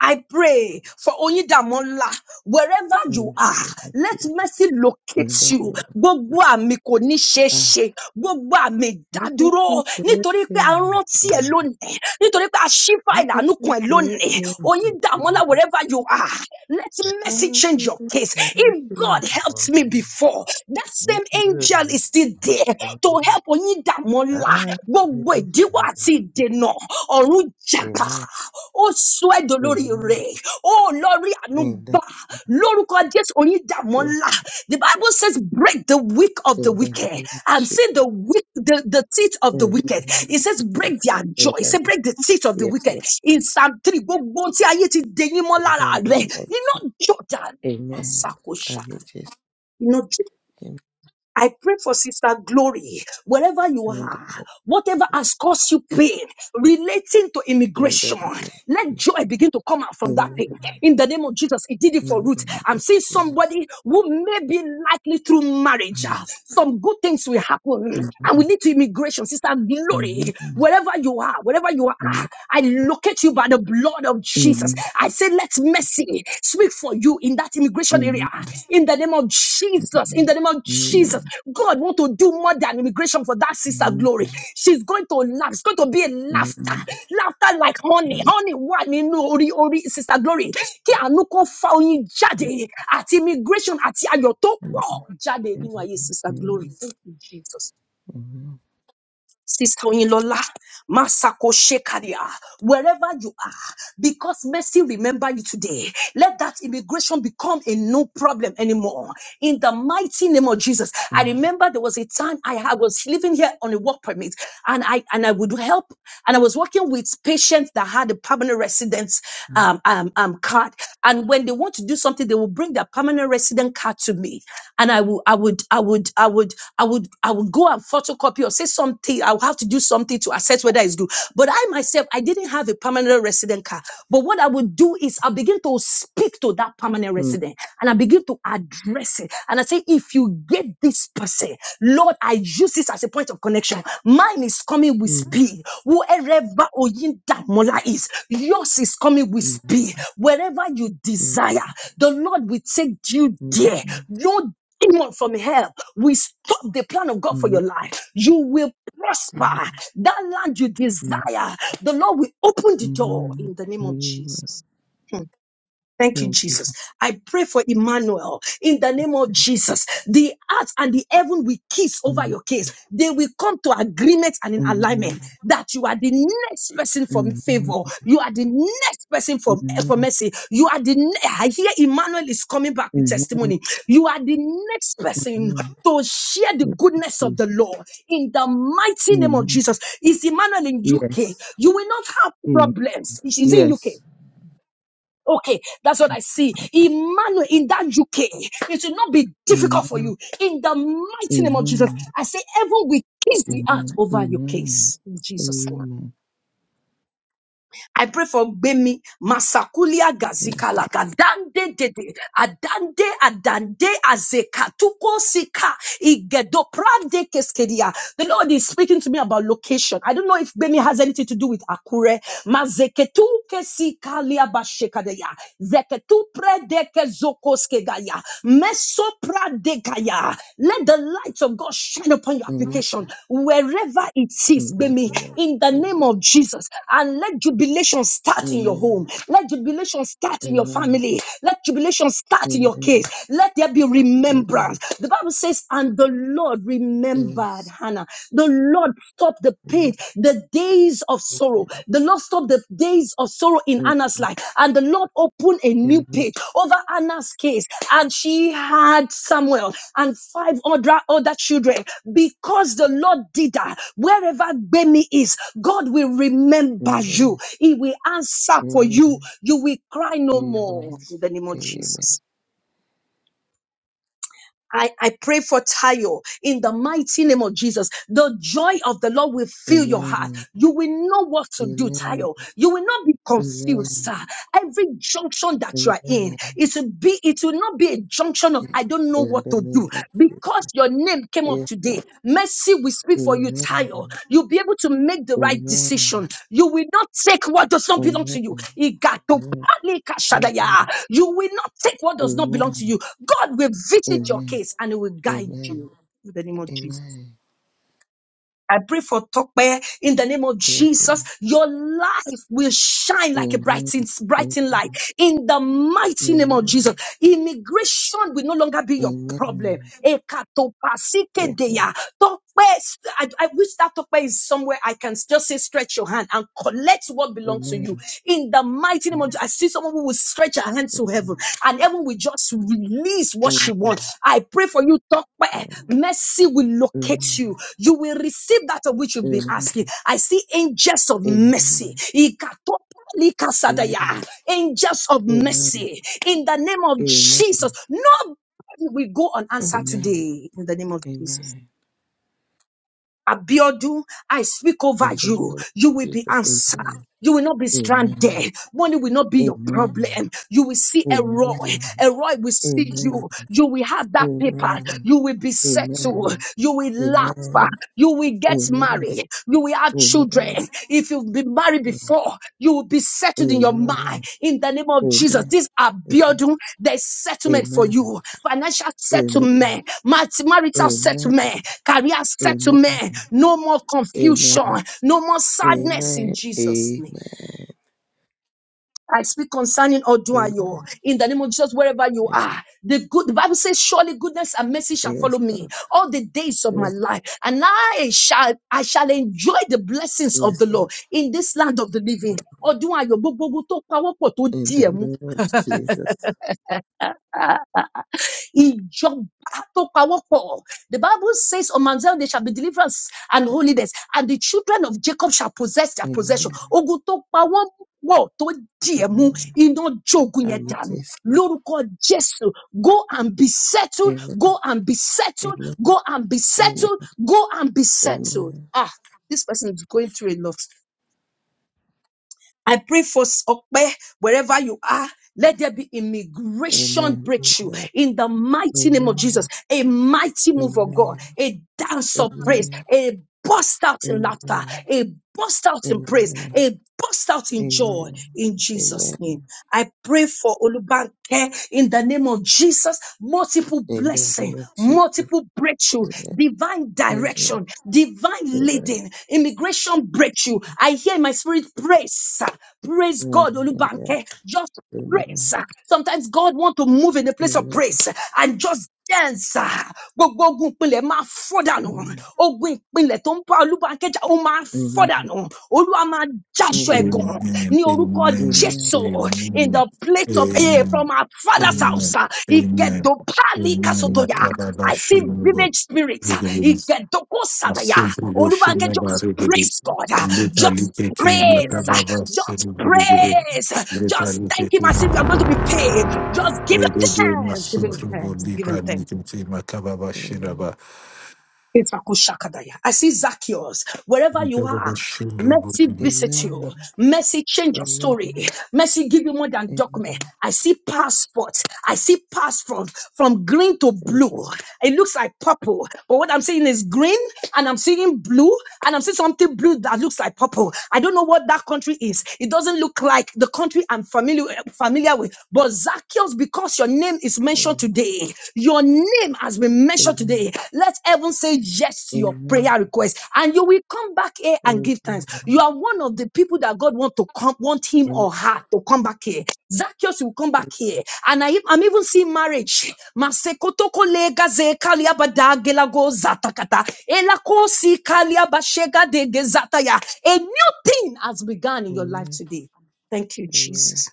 B: I pray for Onyidamola, wherever you are, let mercy locate you. Gbogbo àmì kò ní ṣe é ṣe, gbogbo àmì ìdádúró, nítorí pé a rántí ẹ lónìí, nítorí pé a ṣí fáìlì àánú kan ẹ lónìí. Onyidamola, wherever you are, let mercy change your case. If God helped me before, that same angel is still there to help Onyidamola gbogbo ìdíwọ́ àti ìdènà ọ̀run jẹ̀bà ó sọ ẹ́ dolórí rẹ̀ ó lọ rí àánú gbà lórúkọ jésù oyin ńlá the bible says break the weak of the wicked and see the weak the, the teeth of the wicked it says break their jaw it says break the teeth of the wicked in psalm three gbogbo ohun tí ayé ti dẹyìn mọ́ lára rẹ̀ iná jọ̀dá àṣàkóṣàkà I pray for Sister Glory, wherever you are, whatever has caused you pain relating to immigration, let joy begin to come out from that pain. In the name of Jesus, it did it for Ruth. I'm seeing somebody who may be likely through marriage. uh, Some good things will happen and we need to immigration. Sister Glory, wherever you are, wherever you are, I locate you by the blood of Jesus. Jesus. I say, let mercy speak for you in that immigration area. In the name of Jesus. In the name of Jesus. God want to do more than immigration for that sister glory. She's going to laugh. It's going to be a laughter. Laughter like honey. Honey, one in ori ori sister glory. Kí àánú kó fa oyin jáde àti immigration àti ayọ̀ tó pọ̀ jáde nínú ayé sister glory. Thank you, Jesus. Sister Onilola, Masako Shekaria, wherever you are, because mercy remember you today. Let that immigration become a no problem anymore. In the mighty name of Jesus, I remember there was a time I had- was living here on a work permit, and I and I would help, and I was working with patients that had a permanent residence um, um, um, card, and when they want to do something, they will bring their permanent resident card to me, and I will I would would, I would, I would, I would, I would go and photocopy or say something. I would have to do something to assess whether it's good. But I myself, I didn't have a permanent resident card. But what I would do is I begin to speak to that permanent resident and I begin to address it. And I say, if you get this person, Lord, I use this as a point of connection. Mine is coming with speed. Wherever Oyindamola is, yours is coming with speed. Wherever you desire, the Lord will take you there. No anyone from hell, we stop the plan of God for your life. You will prosper. That land you desire, the Lord will open the door in the name of Jesus. Thank you, Jesus. I pray for Emmanuel in the name of Jesus. The earth and the heaven will kiss over your case. They will come to agreement and in alignment that you are the next person from favor. You are the next person from from mercy. You are the. ne- I hear Emmanuel is coming back with testimony. You are the next person to share the goodness of the Lord in the mighty name of Jesus. Is Emmanuel in UK? You will not have problems. Is he in UK? Okay, that's what I see. Emmanuel, in that UK, it will not be difficult for you. In the mighty name of Jesus, I say heaven will kiss the earth over your case. In Jesus' name. I pray for Bemi Masakulia Gazikala Gadande Dede Adande Adande Azekatuko Sika Igedoprande Keskeria. The Lord is speaking to me about location. I don't know if Bemi has anything to do with Akure. Mazeketu Kesikalia Bashekadeya Zeketu Predeke Zokoskegaya Mesopradekaya. Let the light of God shine upon your application wherever wherever it is, baby, in the name of Jesus. And let jubilation start in your home. Let jubilation start in your family. Let jubilation start in your case. Let there be remembrance. The Bible says, and the Lord remembered Hannah. The Lord stopped the pain, the days of sorrow. The Lord stopped the days of sorrow in Hannah's life. And the Lord opened a new page over Hannah's case. And she had Samuel and five other, other children because the Lord did that. Wherever Bemi is, God will remember you. He will answer for you. You will cry no more in the name of Jesus. I, I pray for Tayo in the mighty name of Jesus. The joy of the Lord will fill your heart. You will know what to do, Tayo. You will not be confused, sir. Every junction that you are in, it will be, it will not be a junction of I don't know what to do. Because your name came up today, mercy will speak for you, Tayo. You'll be able to make the right decision. You will not take what does not belong to you. Igato palikashadaya. You will not take what does not belong to you. God will visit your case and He will guide you in the name of Jesus. I pray for Tokpe in the name of Jesus. Your life will shine like a brighten, brighten light in the mighty name of Jesus. Immigration will no longer be your problem. Ekatopasikedeya. Tokpe, I, I wish that Tokpe is somewhere I can just say stretch your hand and collect what belongs to you in in the mighty name of Jesus. I see someone who will stretch her hand to heaven and heaven will just release what she wants. I pray for you, talk where mercy will locate you. You will receive that of which you've been asking. I see angels of mercy. Ikato- Likasadaya. Angels of mercy in the name of Jesus. No we go unanswered today in the name of Jesus. Abiodun, I speak over you. You will be answered. You will not be stranded. Money will not be your problem. You will see a Roy. A Roy will see you. You will have that paper. You will be settled. You will laugh. You will get married. You will have children. If you've been married before, before, you will be settled in your mind. In the name of Jesus, these are building the settlement for you. Financial settlement, mat- marital settlement, career settlement. No more confusion, no more sadness in Jesus' name. I speak concerning Oduayo in the name of Jesus, wherever you are. The good the Bible says, Surely goodness and mercy shall follow me all the days of my life, and I shall I shall enjoy the blessings of the Lord in this land of the living. Oduayo, gbogbo ogun tó pawọ́pọ̀ tó Ìjọba tó pawọ́pọ̀. The Bible says on Mount Zion there shall be deliverance and holiness and the children of Jacob shall possess their possession. Ogun tó pawọ́pọ̀ tó dì ẹ́ mú iná jogun yẹn dànù lórúkọ Jésù. Go and be settled, go and be settled, go and be settled, go and be settled. Ah, this person is going through a lot. I pray for Okpe wherever you are. Let there be immigration breakthrough in the mighty name of Jesus. A mighty move of God, a dance of praise, a burst out in laughter, a burst out in praise, a burst out in joy in Jesus' name. I pray for Olubanke in the name of Jesus. Multiple blessing, multiple breakthrough, divine direction, divine leading, immigration breakthrough. I hear in my spirit praise, praise God, Olubanke. Just praise. Sometimes God want to move in a place of praise and just dance. Gbogbo ogun ìpínlẹ̀ máa fọ́ dànù. Ogun ìpínlẹ̀ tó ń bá Olúbákẹ́jà ó máa fọ́ dànù. Olúwa máa
A: Amen. Amen.
B: jáṣọ ẹ̀gàn ní orúkọ
A: Amen.
B: Jésù in the
A: Amen.
B: place of eh,
A: Amen.
B: from our father's house.
A: Amen.
B: Ìgẹ̀dọ̀ pálí
A: Amen.
B: kásòtòyà. I see
A: Makababashinuba.
B: village spirit.
A: Regelins.
B: Ìgẹ̀dọ̀ kò sàdàyà.
A: Asunti
B: Olúbákẹ́jà
A: Boshinaba
B: just
A: Regede.
B: praise God. Just
A: Lutalikete
B: praise.
A: Makababa
B: Just
A: Sinubu Regede.
B: praise. Just thank Him
A: Lutalikete
B: as if you are going to be
A: Makababa
B: paid. Just
A: Shinaba.
B: give
A: Regede
B: Him thanks. Give Him
A: Masutrubu
B: thanks. Give Him thanks.
A: Lipralikete Makababa Shinaba.
B: Itakushakadaya. I see Zacchaeus, wherever you are.
A: Makababa Shinrubu.
B: Mercy visit you. Mercy change your story. Mercy give you more than document. I see passport. I see passport from green to blue. It looks like purple, but what I'm seeing is green, and I'm seeing blue, and I'm seeing something blue that looks like purple. I don't know what that country is. It doesn't look like the country I'm familiar familiar with. But Zacchaeus, because your name name is mentioned today. Your name has been mentioned today. Let heaven say yes to your prayer request, and you will come back here and give thanks. You are one of the people that God want to come, want him or her to come back here. Zacchaeus will come back here, and I, am even seeing marriage. Masekoto kolega ze kalia gelago zatakata. Elako si kalia de gezataya. A new thing has begun in your life today. Thank you, Jesus.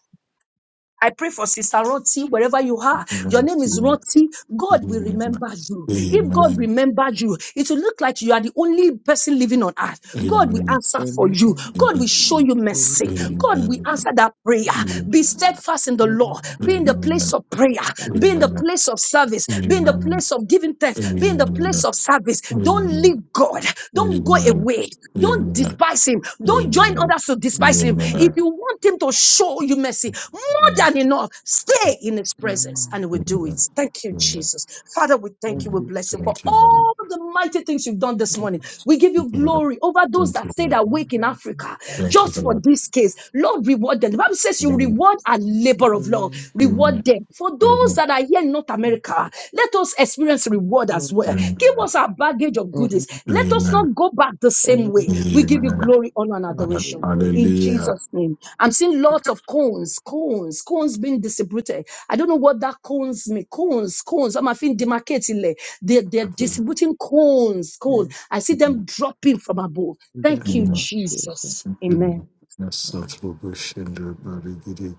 B: I pray for Sister Roti, wherever you are. Your name is Roti. God will remember you. If God
A: Amen.
B: remembers you, it will look like you are the only person living on earth.
A: Amen. Amen. Amen.
B: God will
A: Amen. Amen.
B: answer for you. God will
A: Amen.
B: show you
A: Amen. Amen.
B: mercy.
A: Amen. Amen. Amen.
B: God will answer that prayer. Be steadfast in the law. Be in the place of prayer.
A: Amen.
B: Be in the
A: Amen.
B: place of service. Be in the place of giving thanks. Be in the place of service. Don't leave God. Don't go away. Don't
A: Amen.
B: despise Him. Don't join others to despise Him. If you want Him him to show you mercy more than enough. Stay in his presence and he will do it. Thank you,
A: Amen.
B: Jesus. Father, we thank you. We bless you for all
A: Amen.
B: the mighty things you've done this morning. We give you
A: Amen.
B: glory over those
A: Thank
B: that
A: you,
B: stayed
A: Lord.
B: awake in Africa
A: Thank you,
B: just for
A: Lord.
B: this case. Lord, reward them. The Bible says
A: Thank you, Lord. Thank you, Lord. Amen.
B: you reward a labor of love.
A: Amen.
B: Reward them. For those that are here in North America, let us experience reward as well. Give us our baggage of goodies. Let us not go back the same way.
A: Amen. Amen.
B: We
A: Amen.
B: give you glory, honor, and
A: Amen.
B: adoration in
A: Hallelujah.
B: Jesus' name. I'm seeing lots of cones, cones, cones being distributed. I don't know what that cones mean. Cones, cones. I'm feeling demarcated. They're, they're distributing cones, cones. I see them dropping from above. Thank you,
A: Amen.
B: Jesus. Amen.
A: Amen. Yes, Lord, we wish and we very good.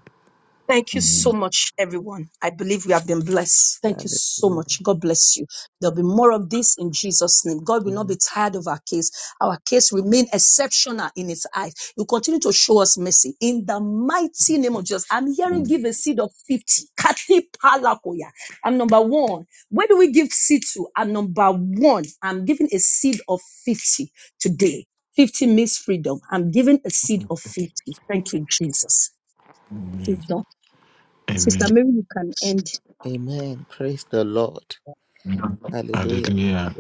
B: Thank you so
A: Amen.
B: much, everyone. I believe we have been blessed. Thank you so much. God bless you. There'll be more of this in Jesus' name. God will not be tired of our case. Our case remain exceptional in His eyes. You continue to show us mercy in the mighty name of Jesus. I'm hearing give a seed of 50. Kati palakoya. I'm number one. Where do we give seed to? I'm number one. I'm giving a seed of 50 today. 50 means freedom. I'm giving a seed of 50. Thank you, Jesus. It's
A: Amen.
B: done. Sister
A: Amen.
B: Mary, you can end.
A: Hallelujah.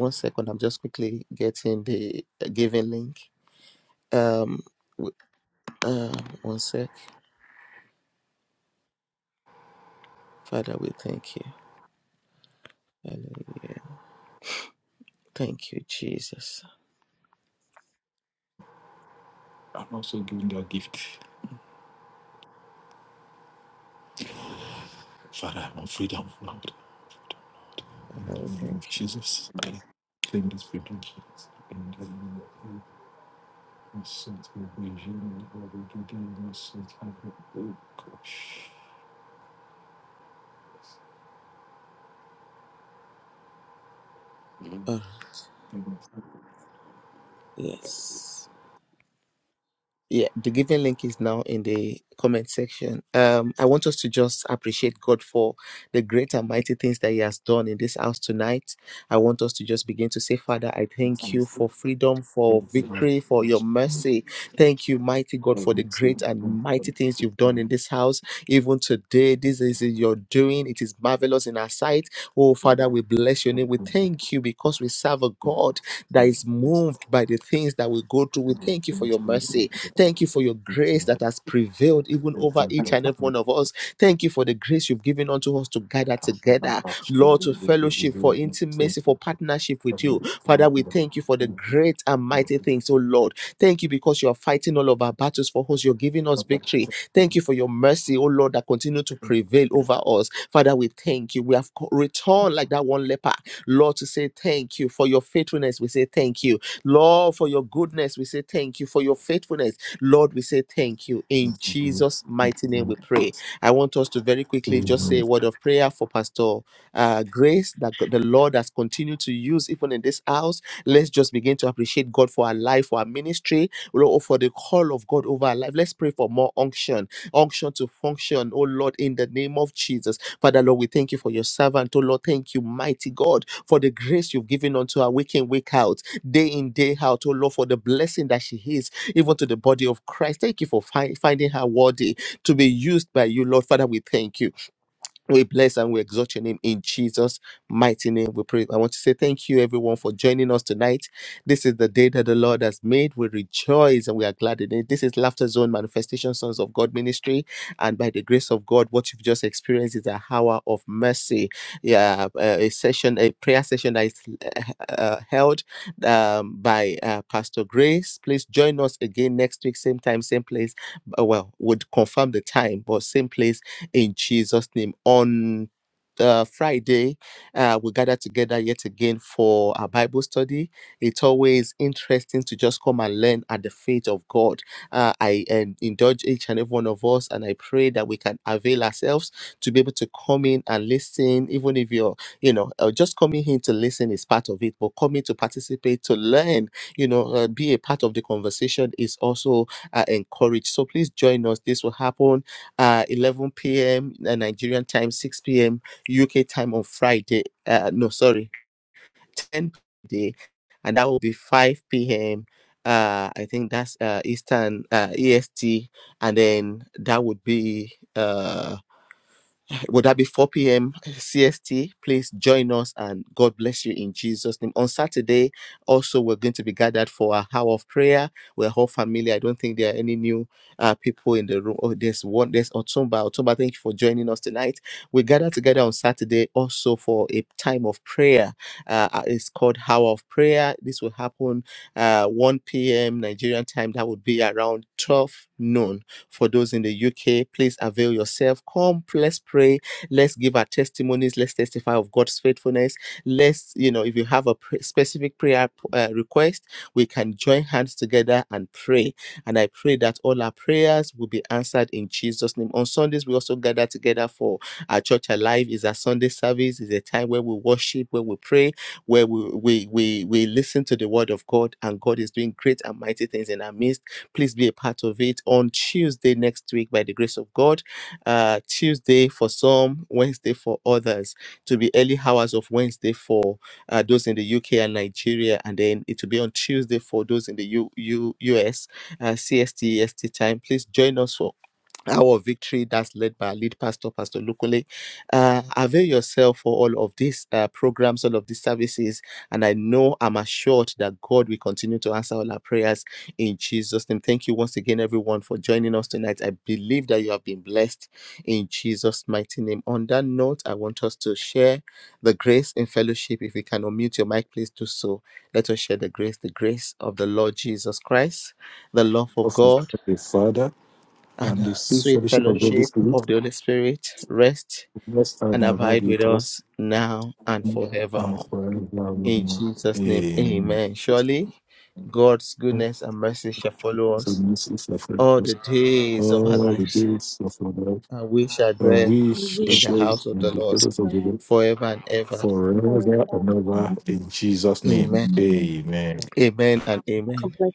A: I'm also giving you a gift. Father, I'm on freedom, Lord. In the name of Jesus, I claim this freedom. In the name of Jesus. My sins will be healed, my will be healed, my sins will be healed. Oh, gosh. Thank you. Thank Thank you, Lord. Of the Father and the sweet fellowship of the Holy Spirit, rest and abide with us now and forevermore. Amen. the mercy suffered us all the days of our life, and we
B: And we
A: shall
B: shall
A: dwell in
B: come
A: the
B: to
A: presence
B: the
A: of the
B: Lord
A: Lord forever
B: for
A: and ever. In Jesus' name, Amen.
B: a prayer.